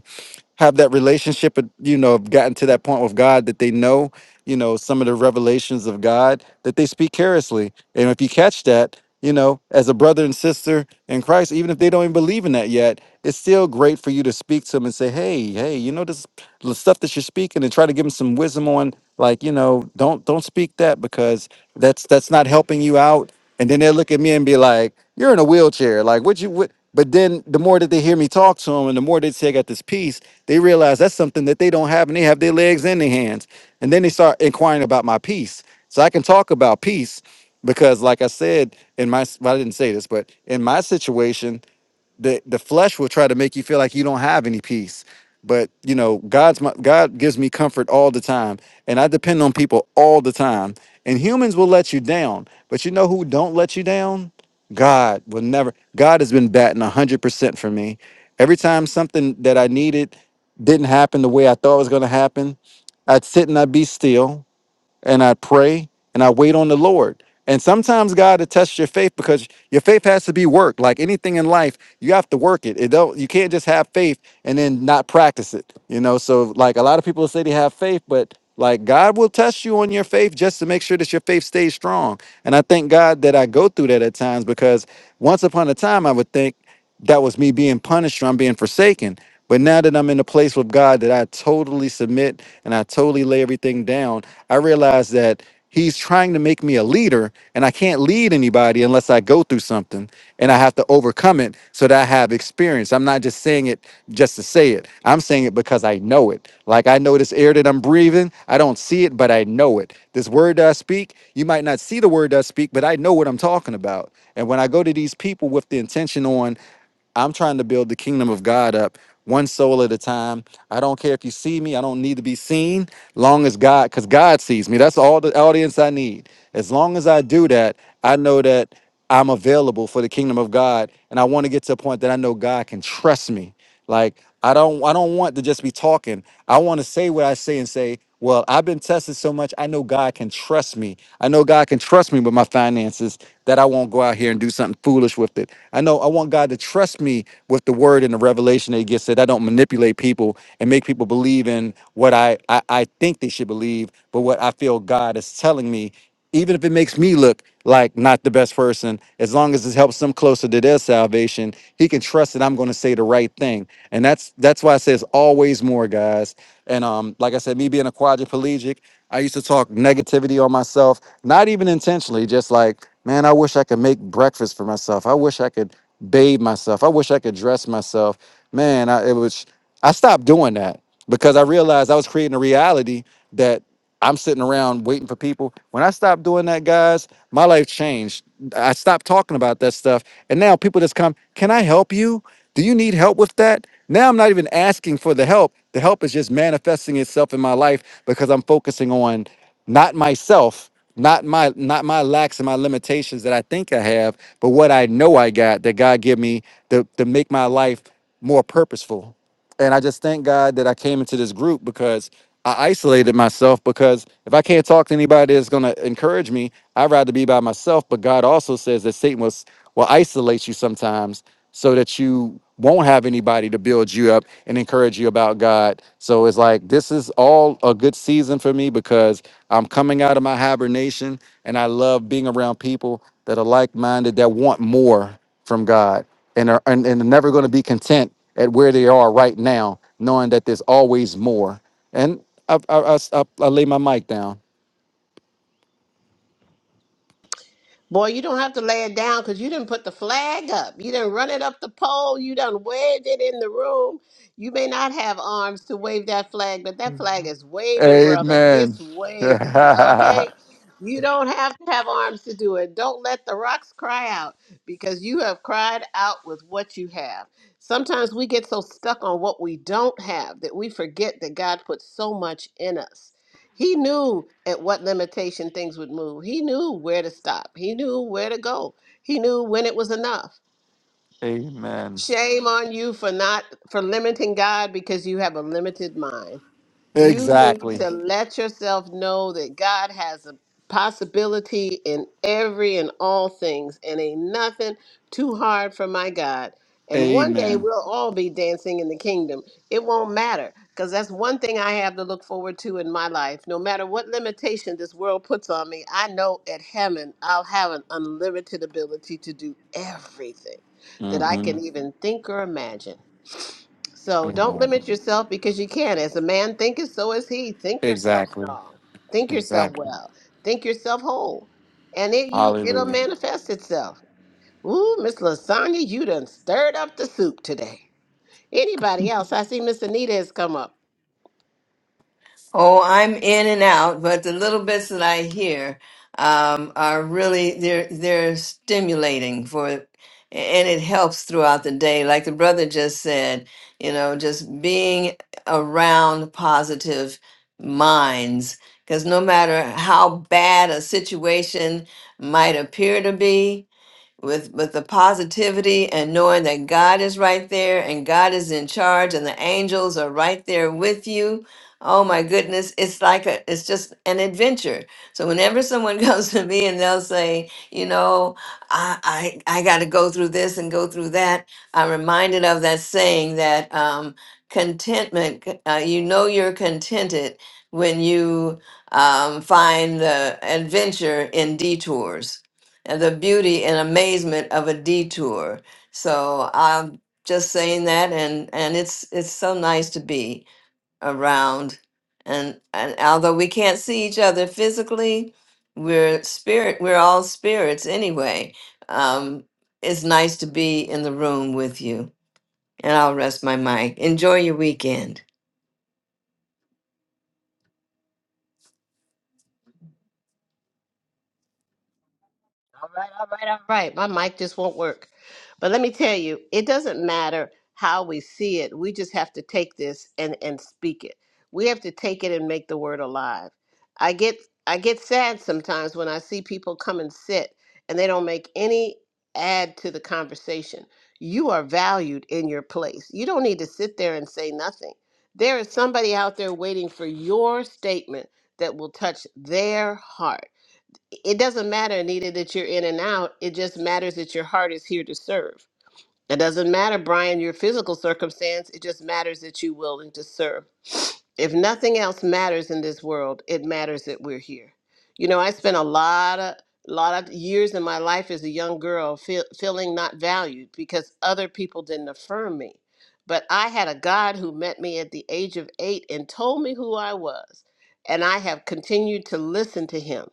have that relationship, and, you know, have gotten to that point with God that they know, you know, some of the revelations of God that they speak carelessly. And if you catch that, you know, as a brother and sister in Christ, even if they don't even believe in that yet, it's still great for you to speak to them and say, hey, hey, you know, this the stuff that you're speaking and try to give them some wisdom on like, you know, don't don't speak that because that's that's not helping you out and then they'll look at me and be like, "You're in a wheelchair. Like, what you what?" But then the more that they hear me talk to them, and the more they take at this piece, they realize that's something that they don't have, and they have their legs and their hands, and then they start inquiring about my piece. So I can talk about peace because, like I said, in my well, I didn't say this, but in my situation, the the flesh will try to make you feel like you don't have any peace but you know god's my god gives me comfort all the time and i depend on people all the time and humans will let you down but you know who don't let you down god will never god has been batting 100% for me every time something that i needed didn't happen the way i thought it was going to happen i'd sit and i'd be still and I pray and I wait on the Lord. And sometimes God to test your faith because your faith has to be worked. Like anything in life, you have to work it. It don't you can't just have faith and then not practice it. You know, so like a lot of people say they have faith, but like God will test you on your faith just to make sure that your faith stays strong. And I thank God that I go through that at times because once upon a time I would think that was me being punished or I'm being forsaken. But now that I'm in a place with God that I totally submit and I totally lay everything down, I realize that He's trying to make me a leader, and I can't lead anybody unless I go through something and I have to overcome it so that I have experience. I'm not just saying it just to say it, I'm saying it because I know it. Like I know this air that I'm breathing, I don't see it, but I know it. This word that I speak, you might not see the word that I speak, but I know know what I'm talking about. And when I go to these people with the intention on, I'm trying to build the kingdom of God up one soul at a time. I don't care if you see me. I don't need to be seen. Long as God, because God sees me. That's all the audience I need. As long as I do that, I know that I'm available for the kingdom of God. And I want to get to a point that I know God can trust me. Like I don't I don't want to just be talking. I want to say what I say and say, well, I've been tested so much, I know God can trust me. I know God can trust me with my finances that I won't go out here and do something foolish with it. I know I want God to trust me with the word and the revelation that he gets that I don't manipulate people and make people believe in what I, I, I think they should believe, but what I feel God is telling me even if it makes me look like not the best person, as long as it helps them closer to their salvation, he can trust that I'm going to say the right thing. And that's that's why I say it's always more, guys. And um, like I said, me being a quadriplegic, I used to talk negativity on myself, not even intentionally, just like, man, I wish I could make breakfast for myself. I wish I could bathe myself. I wish I could dress myself. Man, I, it was. I stopped doing that because I realized I was creating a reality that I'm sitting around waiting for people. When I stopped doing that, guys, my life changed. I stopped talking about that stuff. And now people just come, can I help you? Do you need help with that? Now I'm not even asking for the help. The help is just manifesting itself in my life because I'm focusing on not myself, not my not my lacks and my limitations that I think I have, but what I know I got that God give me to, to make my life more purposeful and I just thank God that I came into this group because I isolated myself because if I can't talk to anybody that's going to encourage me, I'd rather be by myself. But God also says that Satan will, s- will isolate you sometimes so that you won't have anybody to build you up and encourage you about God. So it's like this is all a good season for me because I'm coming out of my hibernation and I love being around people that are like minded that want more from God and are and, and are never going to be content at where they are right now, knowing that there's always more. And I I, I, I, I lay my mic down. Boy, you don't have to lay it down because you didn't put the flag up. You didn't run it up the pole. You done waved it in the room. You may not have arms to wave that flag, but that flag is waving, brother. Amen. It's [LAUGHS] waving, okay? You don't have to have arms to do it. Don't let the rocks cry out because you have cried out with what you have. Sometimes we get so stuck on what we don't have that we forget that God put so much in us. He knew at what limitation things would move. He knew where to stop. He knew where to go. He knew when it was enough. Amen. Shame on you for not for limiting God because you have a limited mind. You need Exactly. to let yourself know that God has a possibility in every and all things, and ain't nothing too hard for my God. And one day Amen. we'll all be dancing in the kingdom. It won't matter because that's one thing I have to look forward to in my life. No matter what limitation this world puts on me, I know at heaven I'll have an unlimited ability to do everything that I hmm can even think or imagine. So don't Amen. limit yourself because you can. As a man thinketh, so is he. Think yourself Exactly. strong. Think yourself Exactly. well. Think yourself whole. And it you it'll Hallelujah. manifest itself. Ooh, Miss Lasagna, you done stirred up the soup today. Anybody else? I see Miss Anita has come up. Oh, I'm in and out, but the little bits that I hear um, are really they're they're stimulating for, and it helps throughout the day. Like the brother just said, you know, just being around positive minds, because no matter how bad a situation might appear to be, with with the positivity and knowing that God is right there and God is in charge and the angels are right there with you. Oh my goodness, it's like a it's just an adventure. So whenever someone [LAUGHS] comes to me and they'll say, you know, I I, I got to go through this and go through that, I'm reminded of that saying that um, contentment. c- Uh, you know, you're contented when you um, find the adventure in detours and the beauty and amazement of a detour. So I'm just saying that, and and it's it's so nice to be around, and and although we can't see each other physically, we're spirit. We're all spirits anyway. Um, it's nice to be in the room with you, and I'll rest my mic. Enjoy your weekend. All right, all right, all right. My mic just won't work. But let me tell you, it doesn't matter how we see it. We just have to take this and and speak it. We have to take it and make the word alive. I get I get sad sometimes when I see people come and sit and they don't make any add to the conversation. You are valued in your place. You don't need to sit there and say nothing. There is somebody out there waiting for your statement that will touch their heart it doesn't matter, Anita, that you're in and out. It just matters that your heart is here to serve. It doesn't matter, Brian, your physical circumstance. It just matters that you're willing to serve. If nothing else matters in this world, it matters that we're here. You know, I spent a lot of lot of years in my life as a young girl feel, feeling not valued because other people didn't affirm me. But I had a God who met me at the age of 8 and told me who I was, and I have continued to listen to him.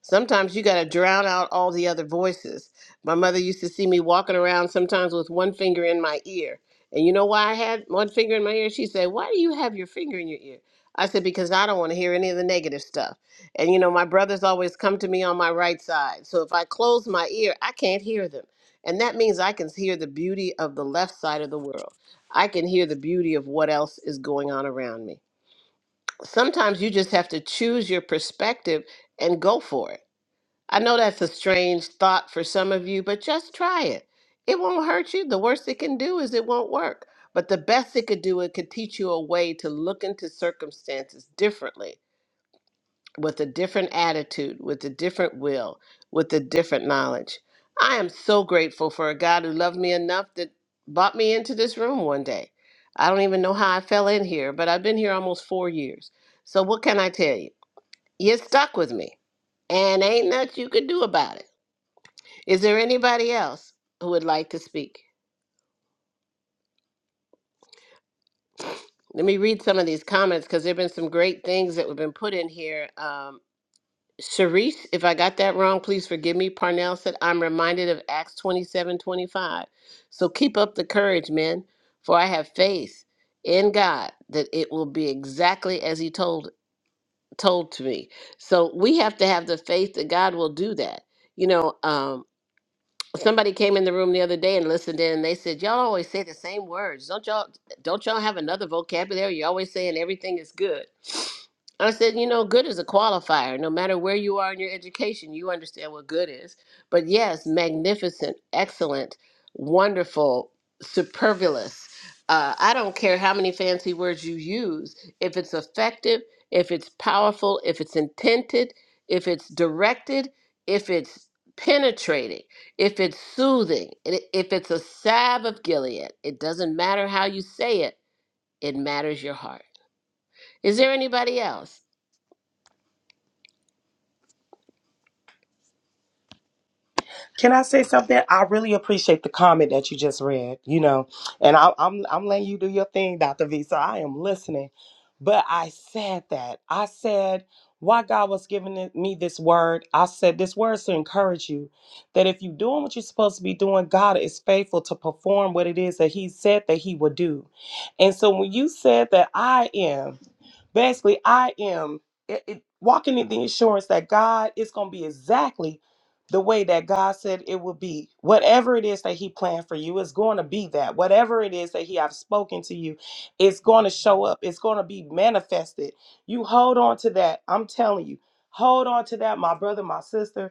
Sometimes you got to drown out all the other voices my mother used to see me walking around sometimes with one finger in my ear. And you know why I had one finger in my ear? She said, Why do you have your finger in your ear? I said, Because I don't want to hear any of the negative stuff. And you know, my brothers always come to me on my right side. So if I close my ear, I can't hear them. And that means I can hear the beauty of the left side of the world. I can hear the beauty of what else is going on around me. Sometimes you just have to choose your perspective and go for it I know that's a strange thought for some of you, but just try it. It won't hurt you. The worst it can do is it won't work. But the best it could do, it could teach you a way to look into circumstances differently, with a different attitude, with a different will, with a different knowledge. I am so grateful for a God who loved me enough that brought me into this room one day. I don't even know how I fell in here, but I've been here almost four years. So what can I tell you? You're stuck with me, and ain't nothing you could do about it. Is there anybody else who would like to speak? Let me read some of these comments because there have been some great things that have been put in here. Um, Sharice, if I got that wrong, please forgive me. Parnell said, I'm reminded of Acts 27 25. So keep up the courage, men, for I have faith in God that it will be exactly as He told told to me. So we have to have the faith that God will do that. You know, um, somebody came in the room the other day and listened in and they said y'all always say the same words don't y'all don't y'all have another vocabulary you're always saying everything is good i said you know good is a qualifier no matter where you are in your education you understand what good is but yes magnificent excellent wonderful superfluous uh, i don't care how many fancy words you use if it's effective if it's powerful if it's intended if it's directed if it's penetrating if it's soothing, i- if it's a salve of Gilead, it doesn't matter how you say it, it matters your heart. Is there anybody else? Can I say something? I really appreciate the comment that you just read, you know, and I, I'm I'm letting you do your thing, Dr. V. So I am listening. But I said that. I said why God was giving it- me this word. I said this word's to encourage you that if you're doing what you're supposed to be doing, God is faithful to perform what it is that He said that He would do. And so when you said that I am basically i am it, it- walking in the assurance that god is going to be exactly the way that god said it will be whatever it is that he planned for you is going to be that whatever it is that he have spoken to you it's going to show up it's going to be manifested you hold on to that i'm telling you hold on to that my brother my sister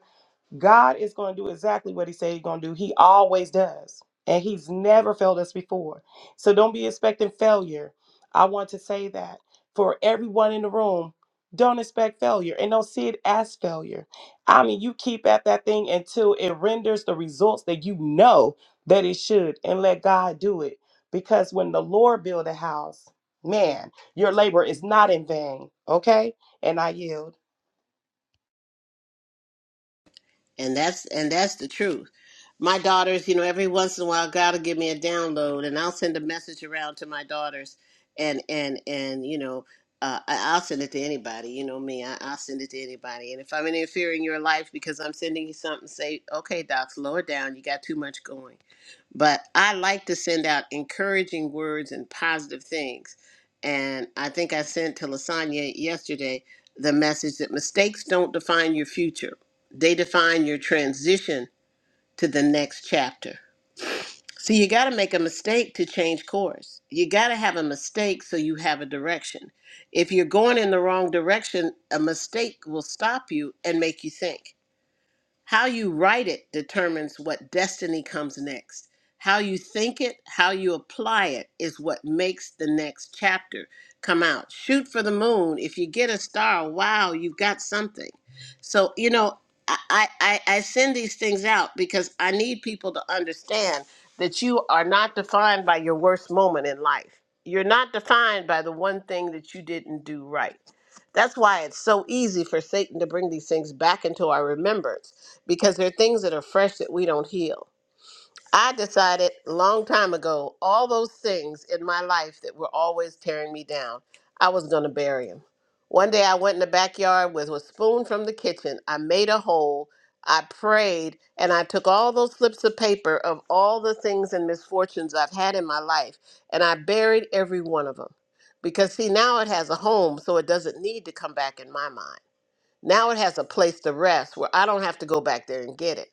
God is going to do exactly what He said He's going to do. He always does. And He's never failed us before. So don't be expecting failure. I want to say that for everyone in the room, don't expect failure and don't see it as failure. I mean, you keep at that thing until it renders the results that you know that it should and let God do it. Because when the Lord build a house, man, your labor is not in vain. Okay? And I yield. And that's and that's the truth. My daughters, you know, every once in a while God will give me a download and I'll send a message around to my daughters and and and you know, uh, I- I'll send it to anybody. You know me, I, I'll send it to anybody. And if I'm interfering in your life because I'm sending you something, say, okay, Docs, lower down. You got too much going but I like to send out encouraging words and positive things. And I think I sent to Lasagna yesterday the message that mistakes don't define your future, they define your transition to the next chapter. So you got to make a mistake to change course. You got to have a mistake so you have a direction. If you're going in the wrong direction, a mistake will stop you and make you think. How you write it determines what destiny comes next. How you think it, how you apply it is what makes the next chapter come out. Shoot for the moon. If you get a star, wow, you've got something. So, you know, I, I, I I send these things out because I need people to understand that you are not defined by your worst moment in life. You're not defined by the one thing that you didn't do right. That's why it's so easy for Satan to bring these things back into our remembrance because there are things that are fresh that we don't heal. I decided a long time ago, all those things in my life that were always tearing me down, I was going to bury them. One day I went in the backyard with a spoon from the kitchen. I made a hole. I prayed and I took all those slips of paper of all the things and misfortunes I've had in my life and I buried every one of them. Because, see, now it has a home, so it doesn't need to come back in my mind. Now it has a place to rest where I don't have to go back there and get it.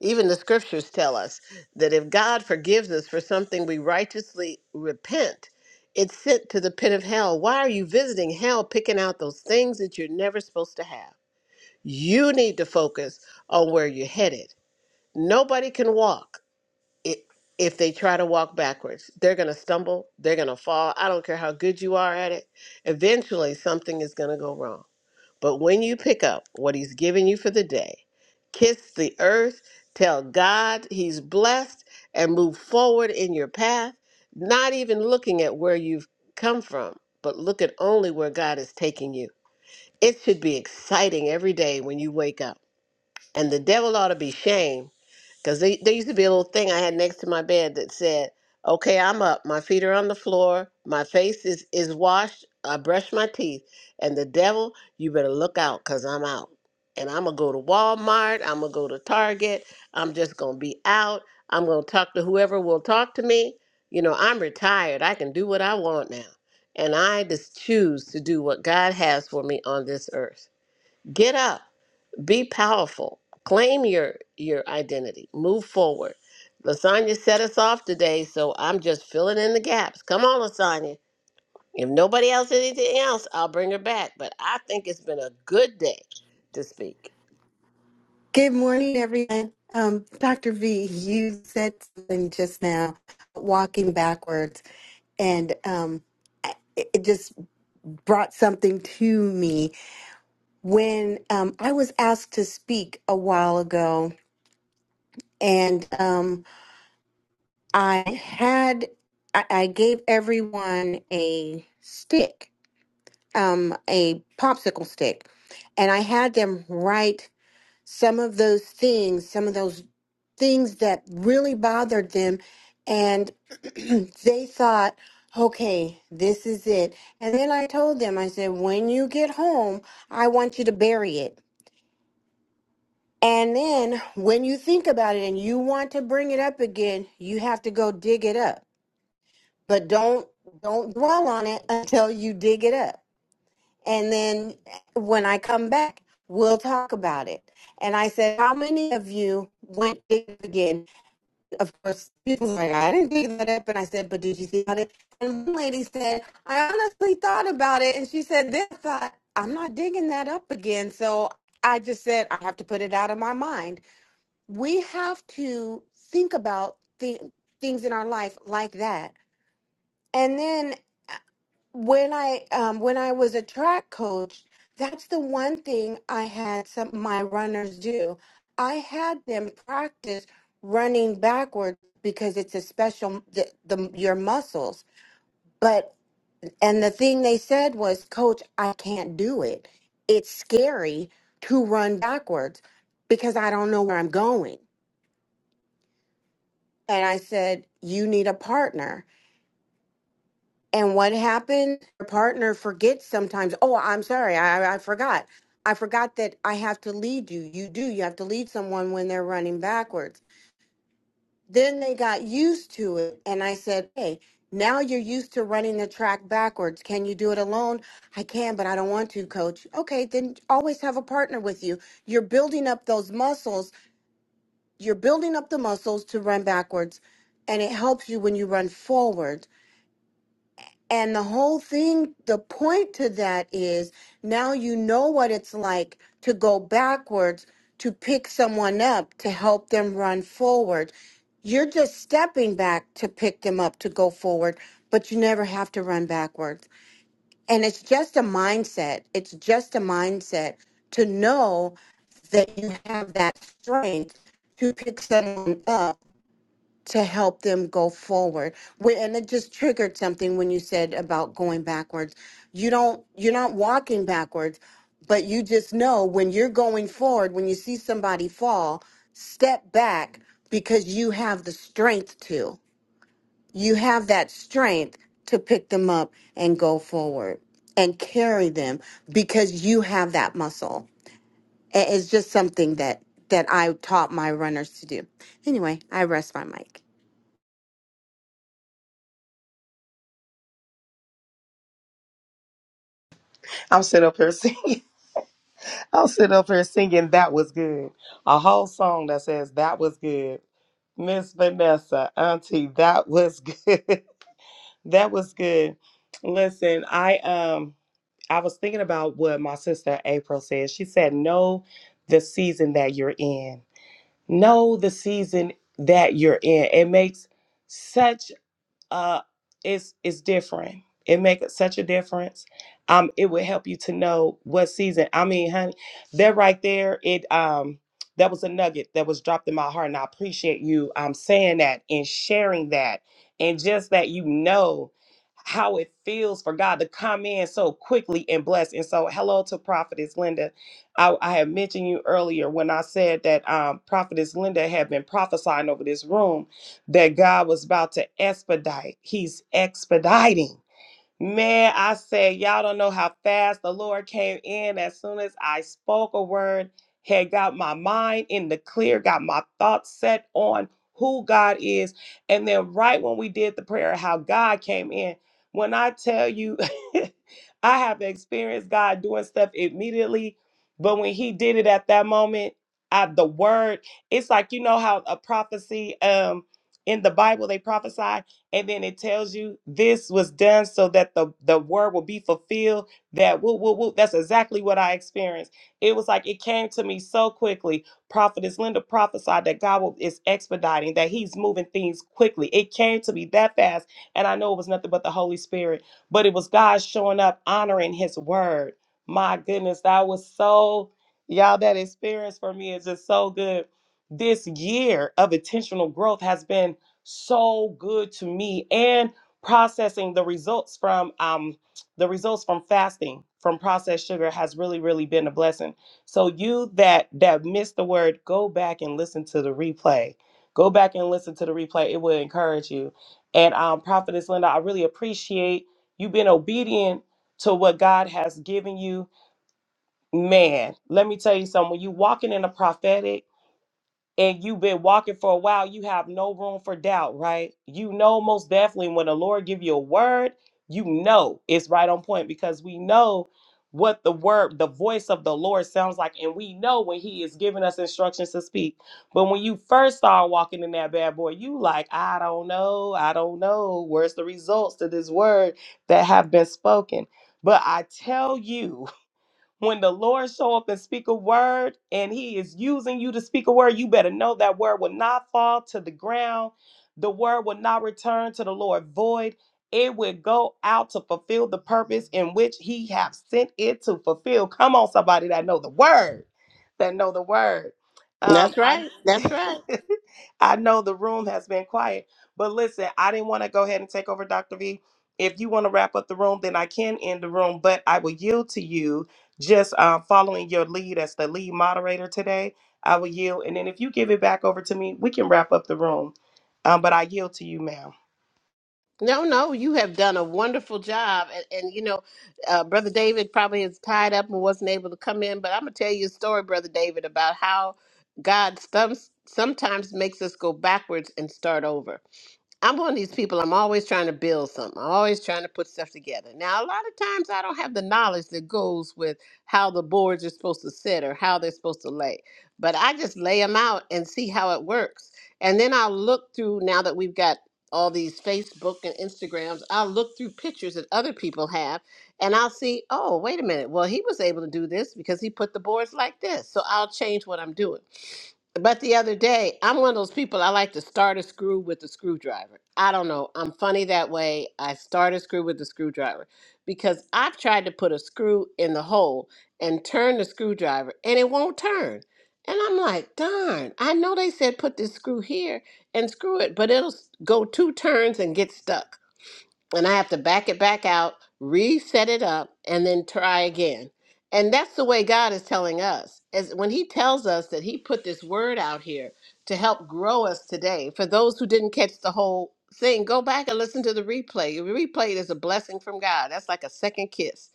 Even the scriptures tell us that if God forgives us for something we righteously repent, it's sent to the pit of hell. Why are you visiting hell picking out those things that you're never supposed to have? You need to focus on where you're headed. Nobody can walk i- if they try to walk backwards. They're going to stumble, they're going to fall. I don't care how good you are at it. Eventually, something is going to go wrong. But when you pick up what he's given you for the day, kiss the earth, tell God he's blessed, and move forward in your path, not even looking at where you've come from, but look at only where God is taking you. It should be exciting every day when you wake up. And the devil ought to be shamed because they there used to be a little thing I had next to my bed that said, okay, I'm up. My feet are on the floor. My face is, is washed. I brush my teeth. And the devil, you better look out because I'm out. And I'm going to go to Walmart. I'm going to go to Target. I'm just going to be out. I'm going to talk to whoever will talk to me. You know, I'm retired. I can do what I want now. And I just choose to do what God has for me on this earth. Get up be powerful claim your your identity move forward lasagna set us off today so i'm just filling in the gaps come on lasagna if nobody else has anything else i'll bring her back but i think it's been a good day to speak Good morning, everyone. Um, B, you said something just now, walking backwards, and um, I- it just brought something to me when um, I was asked to speak a while ago, and um, I had I, I gave everyone a stick, um, a popsicle stick, and I had them write some of those things, some of those things that really bothered them. And [CLEARS THROAT] they thought, okay, this is it. And then I told them, I said, when you get home, I want you to bury it. And then when you think about it and you want to bring it up again, you have to go dig it up. But don't don't dwell on it until you dig it up. And then when I come back, we'll talk about it. And I said, How many of you went dig it again? of course, people were like, I didn't think that up. And I said, but did you think about it? And one lady said, I honestly thought about it. And she said, this I thought, I'm not digging that up again. So I just said, I have to put it out of my mind. We have to think about th- things in our life like that. And then when I um when I was a track coach, that's the one thing I had some my runners do. I had them practice running backwards because it's a special the, the your muscles. But and the thing they said was, "Coach, I can't do it. It's scary to run backwards because I don't know where I'm going." And I said, "You need a partner." And what happened? Your partner forgets sometimes. Oh, I'm sorry. I, I forgot. I forgot that I have to lead you. You do. You have to lead someone when they're running backwards. Then they got used to it. And I said, Hey, now you're used to running the track backwards. Can you do it alone? I can, but I don't want to, coach. Okay, then always have a partner with you. You're building up those muscles. You're building up the muscles to run backwards. And it helps you when you run forward And the whole thing, the point to that is now you know what it's like to go backwards to pick someone up to help them run forward. You're just stepping back to pick them up to go forward, but you never have to run backwards. And it's just a mindset. It's just a mindset to know that you have that strength to pick someone up to help them go forward. Wh- And it just triggered something when you said about going backwards. You don't, you're not walking backwards, but you just know when you're going forward, when you see somebody fall, step back because you have the strength to. You have that strength to pick them up and go forward and carry them because you have that muscle. A- It's just something that that I taught my runners to do. Anyway, I rest my mic. I'm sitting up here [LAUGHS] singing. I'll sit up here singing That Was Good. A whole song that says That Was Good. Miss Vanessa, Auntie, that was good. [LAUGHS] that was good. Listen, I um I was thinking about what my sister April said. She said, Know the season that you're in. Know the season that you're in. It makes such uh, it's it's different. It makes such a difference. Um, it would help you to know what season. I mean, honey, that right there, it um, that was a nugget that was dropped in my heart, and I appreciate you um saying that and sharing that, and just that you know how it feels for God to come in so quickly and bless. And so, hello to Prophetess Linda. I, I had mentioned you earlier when I said that um, Prophetess Linda had been prophesying over this room that God was about to expedite. He's expediting. Man, I said, y'all don't know how fast the Lord came in as soon as I spoke a word, had got my mind in the clear, got my thoughts set on who God is. And then, right when we did the prayer, how God came in. When I tell you, [LAUGHS] I have experienced God doing stuff immediately, but when He did it at that moment, at the word, it's like you know how a prophecy um in the Bible they prophesy and then it tells you this was done so that the the word will be fulfilled that woo, woo, woo. that's exactly what i experienced it was like it came to me so quickly prophetess linda prophesied that god will, is expediting that he's moving things quickly it came to me that fast and i know it was nothing but the holy spirit but it was god showing up honoring his word my goodness that was so y'all that experience for me is just so good this year of intentional growth has been so good to me and processing the results from um the results from fasting from processed sugar has really really been a blessing so you that that missed the word go back and listen to the replay go back and listen to the replay it will encourage you and um prophetess linda i really appreciate you being obedient to what god has given you man let me tell you something when you walking in a prophetic and you've been walking for a while, you have no room for doubt, right? You know most definitely when the Lord give you a word, you know it's right on point because we know what the word, the voice of the Lord sounds like, and we know when He is giving us instructions to speak. But when you first start walking in that bad boy, you like, I don't know, I don't know. Where's the results to this word that have been spoken? But I tell you. When the Lord show up and speak a word and he is using you to speak a word, you better know that word will not fall to the ground. The word will not return to the Lord void. It will go out to fulfill the purpose in which he have sent it to fulfill. Come on, somebody that know the word, that know the word. Um, that's I right that's right [LAUGHS] I know the room has been quiet, but listen, I didn't want to go ahead and take over, Dr. V. If you want to wrap up the room, then I can end the room, but I will yield to you just uh, following your lead as the lead moderator today. I will yield. And then if you give it back over to me, we can wrap up the room. Um, but I yield to you, ma'am. no no you have done a wonderful job and, and you know uh, brother david probably is tied up and wasn't able to come in but i'm going to tell you a story brother david about how god some, sometimes makes us go backwards and start over I'm one of these people. I'm always trying to build something. I'm always trying to put stuff together. Now, a lot of times I don't have the knowledge that goes with how the boards are supposed to sit or how they're supposed to lay, but I just lay them out and see how it works. And then I'll look through now that we've got all these Facebook and Instagrams, I'll look through pictures that other people have and I'll see, oh, wait a minute. Well, he was able to do this because he put the boards like this. So I'll change what I'm doing. But the other day, I'm one of those people I like to start a screw with a screwdriver. I don't know. I'm funny that way. I start a screw with a screwdriver because I've tried to put a screw in the hole and turn the screwdriver and it won't turn. And I'm like, darn, I know they said put this screw here and screw it, but it'll s- go two turns and get stuck and I have to back it back out, reset it up, and then try again. And that's the way God is telling us. As when He tells us that He put this word out here to help grow us today. For those who didn't catch the whole thing, go back and listen to the replay. The replay is a blessing from God. That's like a second kiss.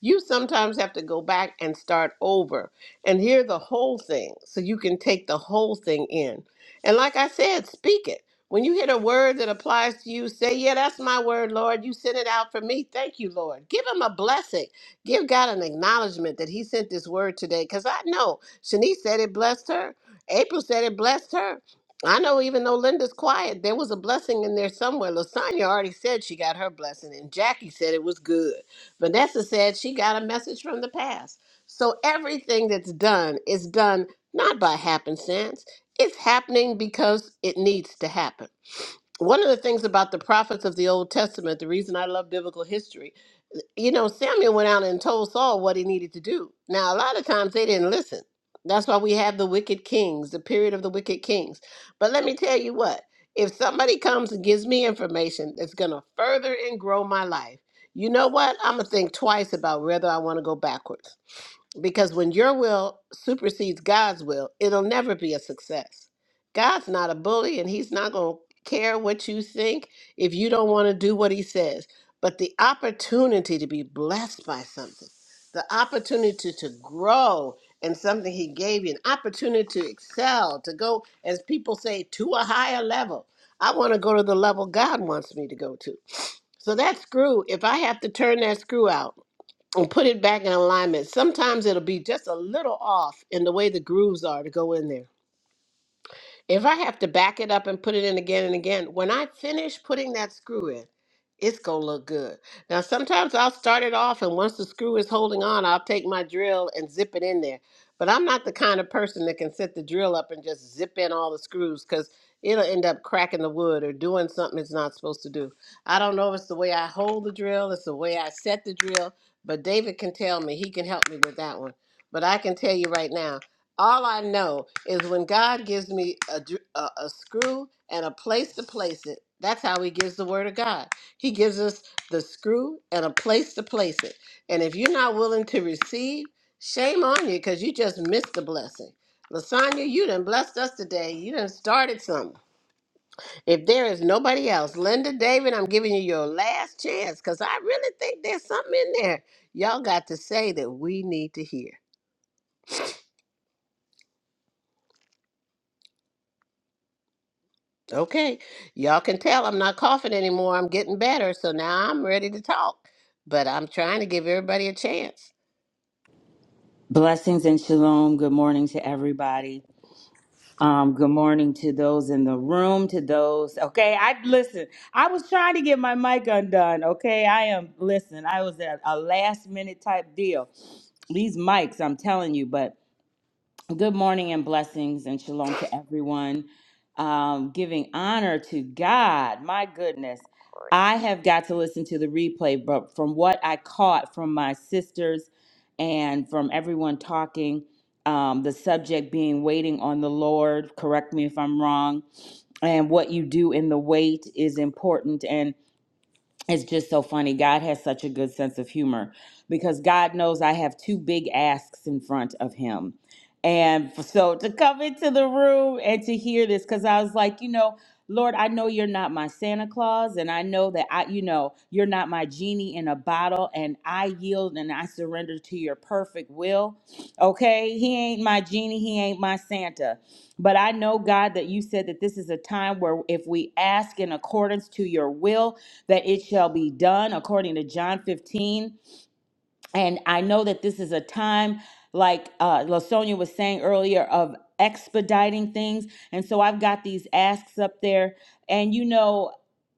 You sometimes have to go back and start over and hear the whole thing so you can take the whole thing in. And like I said, speak it when you hit a word that applies to you, say, Yeah, that's my word, Lord. You sent it out for me. Thank you, Lord. Give him a blessing. Give God an acknowledgement that he sent this word today. Because I know Shanice said it blessed her. April said it blessed her. I know even though Linda's quiet, there was a blessing in there somewhere. Lasagna already said she got her blessing, and Jackie said it was good. Vanessa said she got a message from the past. So everything that's done is done not by happenstance. It's happening because it needs to happen. One of the things about the prophets of the Old Testament, the reason I love biblical history, you know, Samuel went out and told Saul what he needed to do. Now, a lot of times they didn't listen. That's why we have the wicked kings, the period of the wicked kings. But let me tell you what if somebody comes and gives me information that's going to further and grow my life, you know what? I'm going to think twice about whether I want to go backwards because when your will supersedes God's will, it'll never be a success. God's not a bully and he's not going to care what you think if you don't want to do what he says. But the opportunity to be blessed by something, the opportunity to grow in something he gave you, an opportunity to excel, to go, as people say, to a higher level. I want to go to the level God wants me to go to. So that screw, if I have to turn that screw out, and put it back in alignment. Sometimes it'll be just a little off in the way the grooves are to go in there. If I have to back it up and put it in again and again, when I finish putting that screw in, it's gonna look good. Now sometimes I'll start it off and once the screw is holding on, I'll take my drill and zip it in there. But I'm not the kind of person that can set the drill up and just zip in all the screws because it'll end up cracking the wood or doing something it's not supposed to do. I don't know if it's the way I hold the drill, it's the way I set the drill, but David can tell me, he can help me with that one. But I can tell you right now. All I know is when God gives me a, dr- a, a screw and a place to place it, that's how He gives the Word of God. He gives us the screw and a place to place it. And if you're not willing to receive, shame on you because you just missed the blessing. Lasagna, you done blessed us today. You done started something. If there is nobody else, Linda, David, I'm giving you your last chance because I really think there's something in there y'all got to say that we need to hear. Okay, y'all can tell I'm not coughing anymore. I'm getting better, so now I'm ready to talk. But I'm trying to give everybody a chance. Blessings and shalom. Good morning to everybody. Um, good morning to those in the room, to those. Okay, I listen. I was trying to get my mic undone. Okay, I am. Listen, I was at a last minute type deal. These mics, I'm telling you, but Good morning and blessings and shalom to everyone. Um, giving honor to God. My goodness. I have got to listen to the replay, but from what I caught from my sisters and from everyone talking, um, the subject being waiting on the Lord, correct me if I'm wrong, and what you do in the wait is important it's just so funny. God has such a good sense of humor because God knows I have two big asks in front of him. And f- so to come into the room and to hear this, because I was like, you know, Lord, I know you're not my Santa Claus, and I know that I, you know, you're not my genie in a bottle, and I yield and I surrender to your perfect will. Okay? He ain't my genie, he ain't my Santa. But I know, God, that you said that this is a time where if we ask in accordance to your will, that it shall be done according to John 15. And I know that this is a time, like uh, Lasonia was saying earlier, of expediting things. And so I've got these asks up there. And you know,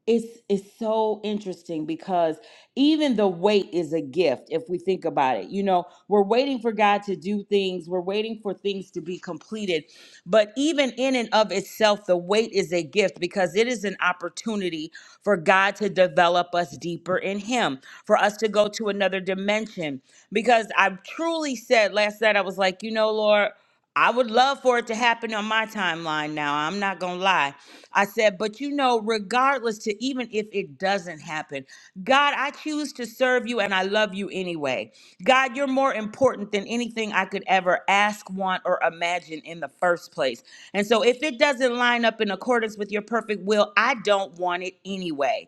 it's it's so interesting because even the wait is a gift if we think about it you know we're waiting for god to do things we're waiting for things to be completed but even in and of itself the wait is a gift because it is an opportunity for god to develop us deeper in him for us to go to another dimension because i truly said last night i was like you know lord I would love for it to happen on my timeline now. I'm not going to lie. I said, but you know, regardless to even if it doesn't happen, God, I choose to serve you and I love you anyway. God, you're more important than anything I could ever ask, want, or imagine in the first place. And so if it doesn't line up in accordance with your perfect will, I don't want it anyway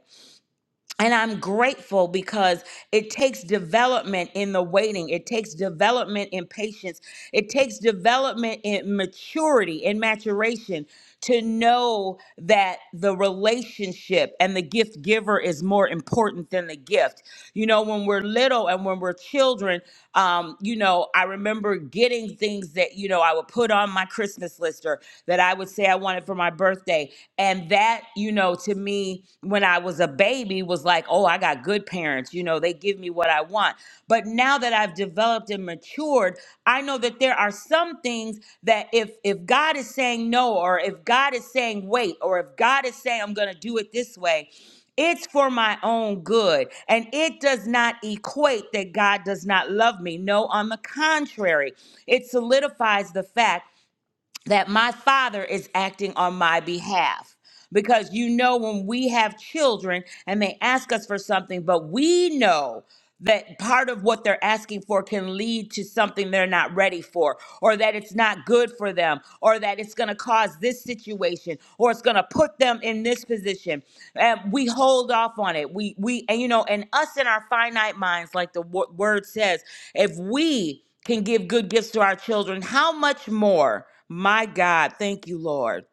and I'm grateful because it takes development in the waiting. It takes development in patience. It takes development in maturity and maturation to know that the relationship and the gift giver is more important than the gift. You know, when we're little and when we're children, um, you know, I remember getting things that, you know, I would put on my Christmas list or that I would say I wanted for my birthday. And that, you know, to me, when I was a baby, was like, oh, I got good parents. You know, they give me what I want. But now that I've developed and matured, I know that there are some things that if if God is saying no, or if God is saying wait, or if God is saying I'm gonna do it this way, it's for my own good. And it does not equate that God does not love me. No, on the contrary, it solidifies the fact that my father is acting on my behalf. Because you know, when we have children and they ask us for something, but we know that part of what they're asking for can lead to something they're not ready for, or that it's not good for them, or that it's gonna cause this situation, or it's gonna put them in this position. And we hold off on it. We, we, and you know, and us in our finite minds, like the wo- word says, if we can give good gifts to our children, how much more, my God, thank you, Lord,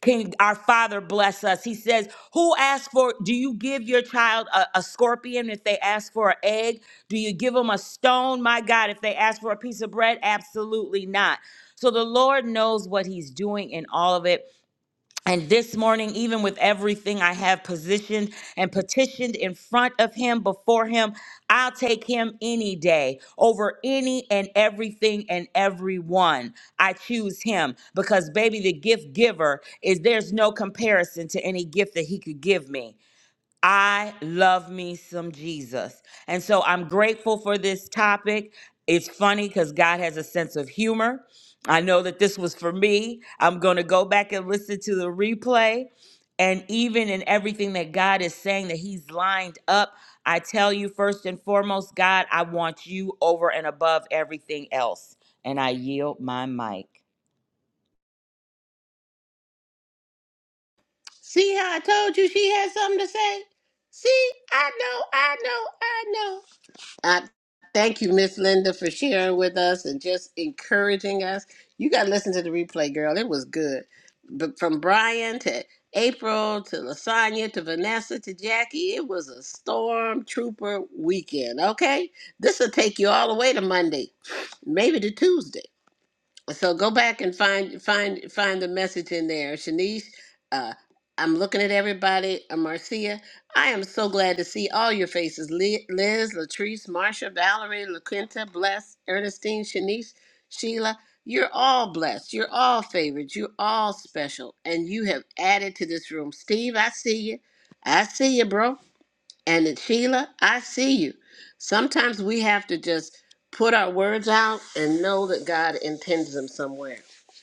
can our Father bless us? He says, Who asks for, do you give your child a, a scorpion if they ask for an egg? Do you give them a stone, my God, if they ask for a piece of bread? Absolutely not. So the Lord knows what He's doing in all of it. And this morning, even with everything I have positioned and petitioned in front of him, before him, I'll take him any day over any and everything and everyone. I choose him because, baby, the gift giver is there's no comparison to any gift that he could give me. I love me some Jesus. And so I'm grateful for this topic. It's funny because God has a sense of humor. I know that this was for me. I'm going to go back and listen to the replay. And even in everything that God is saying that He's lined up, I tell you first and foremost, God, I want you over and above everything else. And I yield my mic. See how I told you she had something to say? See, I know, I know, I know. I thank you, Miss Linda, for sharing with us and just encouraging us. You got to listen to the replay, girl. It was good. But from Brian to April to Lasagna to Vanessa to Jackie, it was a stormtrooper weekend. Okay, this will take you all the way to Monday, maybe to Tuesday. So go back and find find find the message in there, Shanice. Uh, I'm looking at everybody. Uh, Marcia, I am so glad to see all your faces. Li- Liz, Latrice, Marsha, Valerie, LaQuinta, Bless, Ernestine, Shanice, Sheila. You're all blessed. You're all favored. You're all special, and you have added to this room. Steve, I see you. I see you, bro. And then, Sheila, I see you. Sometimes we have to just put our words out and know that God intends them somewhere.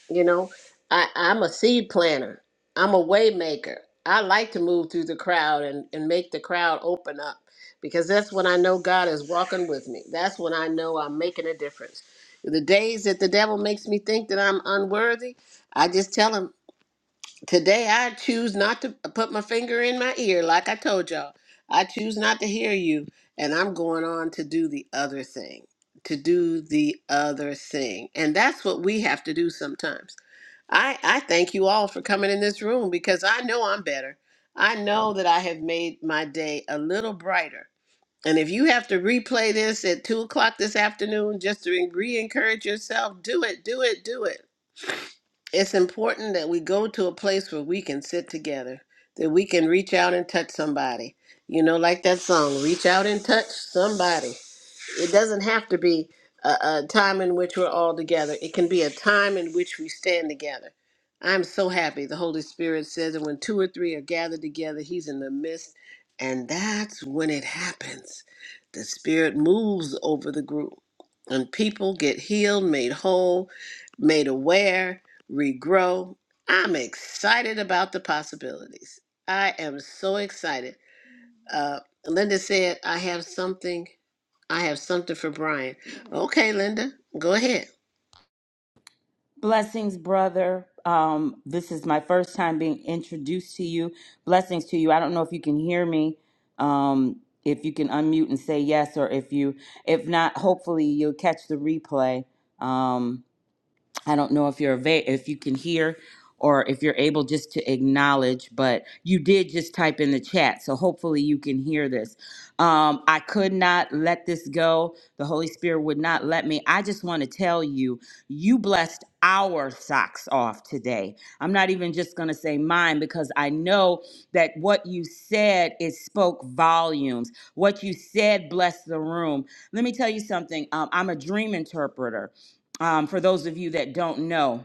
You know, I, I'm a seed planter. I'm a way maker. I like to move through the crowd and, and make the crowd open up because that's when I know God is walking with me. That's when I know I'm making a difference. The days that the devil makes me think that I'm unworthy, I just tell him Today I choose not to put my finger in my ear, like I told y'all. I choose not to hear you, and I'm going on to do the other thing. To do the other thing. And that's what we have to do sometimes. I, I thank you all for coming in this room because I know I'm better. I know that I have made my day a little brighter. And if you have to replay this at two o'clock this afternoon just to re encourage yourself, do it, do it, do it. It's important that we go to a place where we can sit together, that we can reach out and touch somebody. You know, like that song, Reach Out and Touch Somebody. It doesn't have to be a, a time in which we're all together. It can be a time in which we stand together. I'm so happy. The Holy Spirit says that when two or three are gathered together, He's in the midst. And that's when it happens. The Spirit moves over the group, and people get healed, made whole, made aware, regrow. I'm excited about the possibilities. I am so excited. Uh, Linda said, I have something I have something for Brian. Okay, Linda, go ahead. Blessings, brother. Um, this is my first time being introduced to you. Blessings to you. I don't know if you can hear me. Um, if you can unmute and say yes, or if you, if not, hopefully you'll catch the replay. Um, I don't know if you're ava- if you can hear or if you're able just to acknowledge, but you did just type in the chat, so hopefully you can hear this. Um, I could not let this go. The Holy Spirit would not let me. I just want to tell you, you blessed our socks off today. I'm not even just going to say mine because I know that what you said it spoke volumes. What you said blessed the room. Let me tell you something. Um, I'm a dream interpreter um, for those of you that don't know.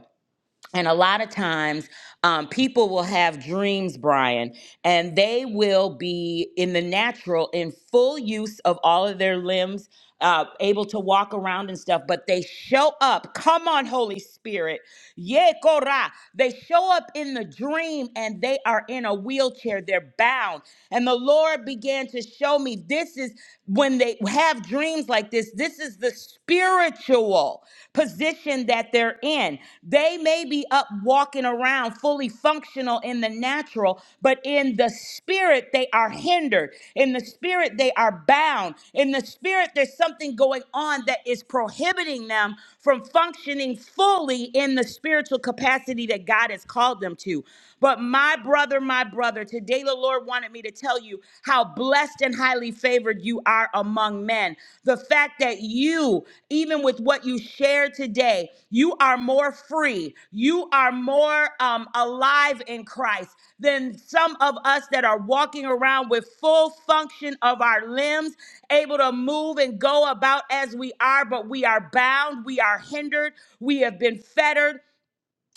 And a lot of times, um, people will have dreams, Brian, and they will be in the natural, in full use of all of their limbs, uh, able to walk around and stuff, but they show up. Come on, Holy Spirit. Yekora. They show up in the dream and they are in a wheelchair. They're bound. And the Lord began to show me this is when they have dreams like this, this is the spiritual position that they're in. They may be up walking around fully functional in the natural, but in the spirit, they are hindered. In the spirit, they are bound. In the spirit, there's something going on that is prohibiting them from functioning fully in the spiritual capacity that God has called them to. But my brother, my brother, today the Lord wanted me to tell you how blessed and highly favored you are among men. The fact that you, even with what you shared today, you are more free, you are more um, alive in Christ than some of us that are walking around with full function of our limbs, able to move and go about as we are, but we are bound, we are hindered, we have been fettered,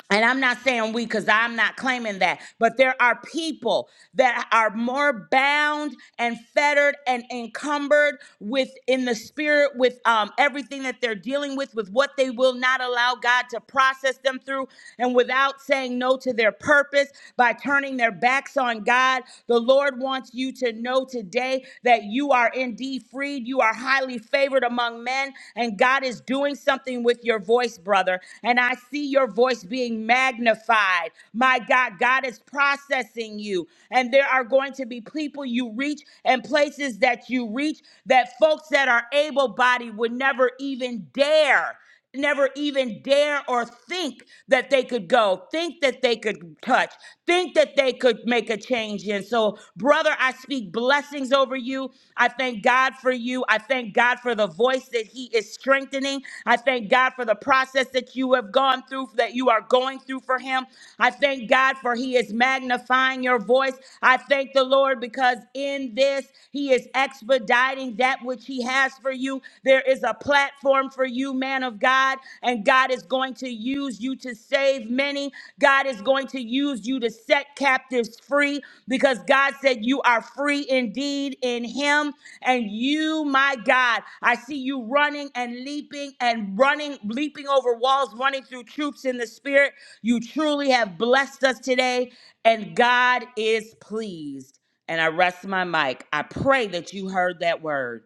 and I'm not saying we because I'm not claiming that, but there are people that are more bound and fettered and encumbered with in the spirit with um, everything that they're dealing with, with what they will not allow God to process them through, and without saying no to their purpose by turning their backs on God. The Lord wants you to know today that you are indeed freed, you are are highly favored among men, and God is doing something with your voice, brother. And I see your voice being magnified. My God, God is processing you. And there are going to be people you reach and places that you reach that folks that are able bodied would never even dare never even dare or think that they could go, think that they could touch, think that they could make a change in. So, brother, I speak blessings over you. I thank God for you. I thank God for the voice that He is strengthening. I thank God for the process that you have gone through, that you are going through for Him. I thank God for He is magnifying your voice. I thank the Lord because in this, He is expediting that which which He has for you. There is a platform for you, man of God, and God is going to use you to save many. God is going to use you to set captives free because God said, You are free indeed in Him. And you, my God, I see you running and leaping and running, leaping over walls, running through troops in the Spirit. You truly have blessed us today, and God is pleased and I rest my mic. I pray that you heard that word.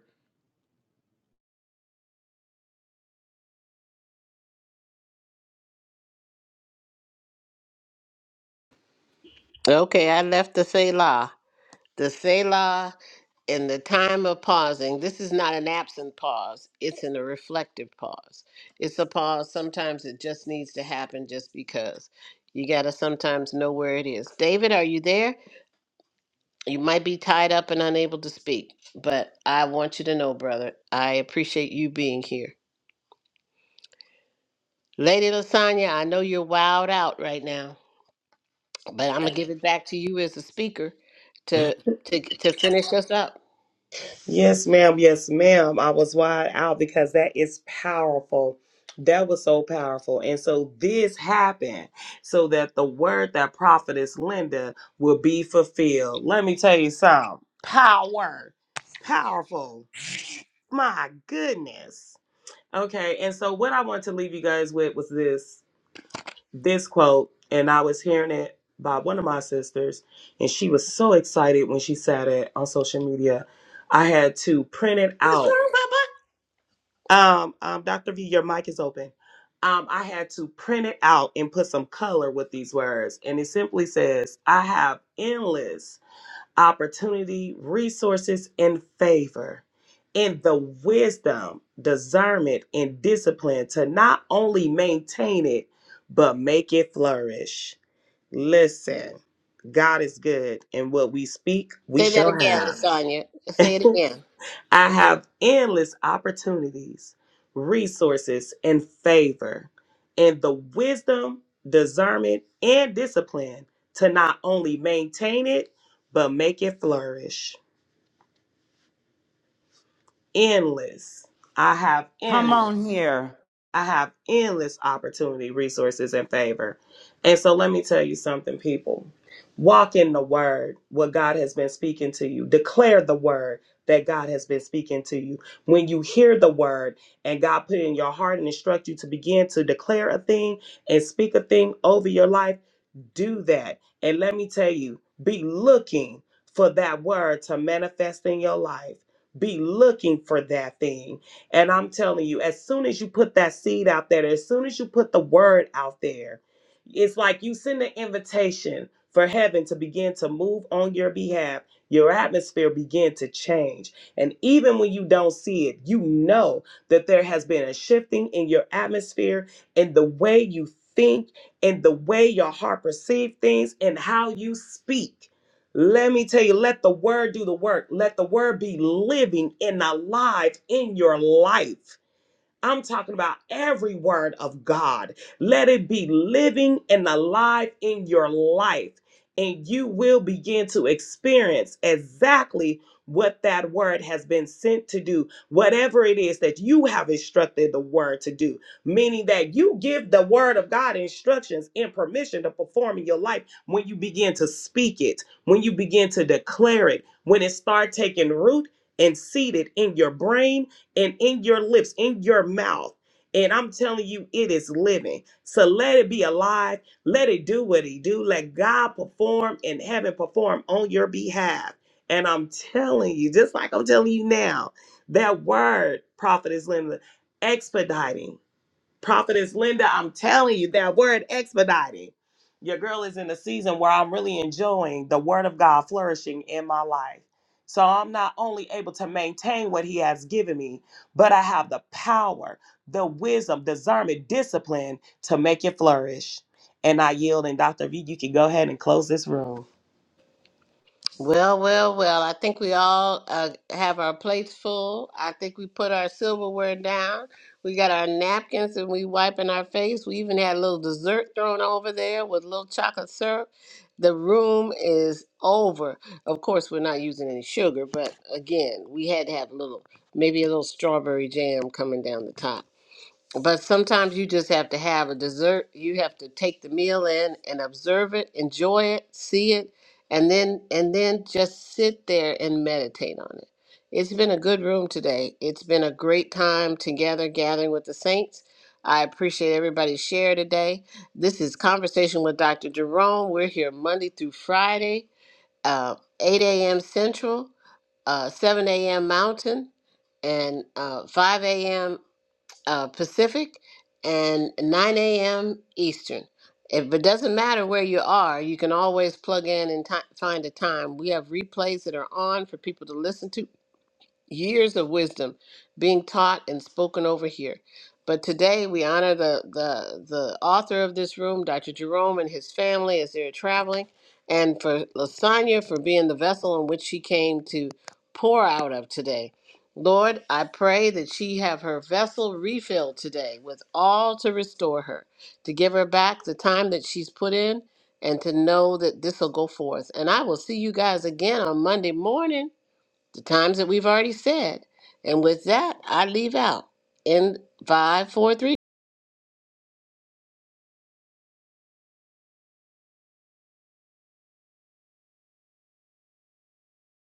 Okay, I left the Selah. The Selah in the time of pausing. This is not an absent pause, it's in a reflective pause. It's a pause. Sometimes it just needs to happen just because. You got to sometimes know where it is. David, are you there? You might be tied up and unable to speak, but I want you to know, brother, I appreciate you being here. Lady Lasagna, I know you're wowed out right now. But I'm gonna give it back to you as the speaker to to to finish us up. Yes, ma'am. Yes, ma'am. I was wide out because that is powerful. That was so powerful. And so this happened so that the word that prophetess Linda will be fulfilled. Let me tell you something power, powerful. My goodness. Okay. And so what I wanted to leave you guys with was this this quote and I was hearing it by one of my sisters and she was so excited when she said it on social media. I had to print it What's out um, um, Dr. V, your mic is open. Um, I had to print it out and put some color with these words. And it simply says, I have endless opportunity, resources, and favor, and the wisdom, discernment, and discipline to not only maintain it, but make it flourish. Listen, God is good, and what we speak, we Say that shall again, have. Lasagna. Say [LAUGHS] it again. I have endless opportunities, resources, and favor, and the wisdom, discernment, and discipline to not only maintain it, but make it flourish. Endless. I have Come endless. on here. I have endless opportunity, resources, and favor. And so let me tell you something, people. Walk in the word, what God has been speaking to you. Declare the word that God has been speaking to you. When you hear the word and God put it in your heart and instruct you to begin to declare a thing and speak a thing over your life, do that. And let me tell you, be looking for that word to manifest in your life. Be looking for that thing. And I'm telling you, as soon as you put that seed out there, as soon as you put the word out there, it's like you send an invitation for heaven to begin to move on your behalf. Your atmosphere begin to change. And even when you don't see it, you know that there has been a shifting in your atmosphere and the way you think and the way your heart perceives things and how you speak. Let me tell you, let the word do the work. Let the word be living and alive in your life. I'm talking about every word of God. Let it be living and alive in your life, and you will begin to experience exactly what that word has been sent to do, whatever it is that you have instructed the word to do, meaning that you give the word of God instructions and permission to perform in your life when you begin to speak it, when you begin to declare it, when it start taking root and seated in your brain and in your lips, in your mouth. And I'm telling you, it is living. So let it be alive. Let it do what it do. Let God perform and heaven perform on your behalf. And I'm telling you, just like I'm telling you now, that word, prophet is living, expediting. Prophetess Linda, I'm telling you, that word expedited. Your girl is in a season where I'm really enjoying the word of God flourishing in my life. So I'm not only able to maintain what he has given me, but I have the power, the wisdom, discernment, discipline to make it flourish. And I yield. And Dr. V, you can go ahead and close this room. Well, well, well. I think we all uh, have our plates full. I think we put our silverware down. We got our napkins and we wiping our face. We even had a little dessert thrown over there with a little chocolate syrup. The room is over. Of course, we're not using any sugar, but again, we had to have a little, maybe a little strawberry jam coming down the top. But sometimes you just have to have a dessert. You have to take the meal in and observe it, enjoy it, see it, and then and then just sit there and meditate on it. It's been a good room today. It's been a great time together gathering with the saints. I appreciate everybody's share today. This is Conversation with Dr. Jerome. We're here Monday through Friday, uh, 8 a.m. Central, uh, 7 a.m. Mountain, and uh, 5 a.m uh, Pacific and 9 a.m. Eastern. If it doesn't matter where you are, you can always plug in and ti find a time. We have replays that are on for people to listen to years of wisdom being taught and spoken over here. But today we honor the, the, the author of this room, Dr. Jerome, and his family as they're traveling, and for Lasagna for being the vessel in which she came to pour out of today. Lord, I pray that she have her vessel refilled today with all to restore her, to give her back the time that she's put in, and to know that this will go forth. And I will see you guys again on Monday morning the times that we've already said. And with that, I leave out in five, four, three.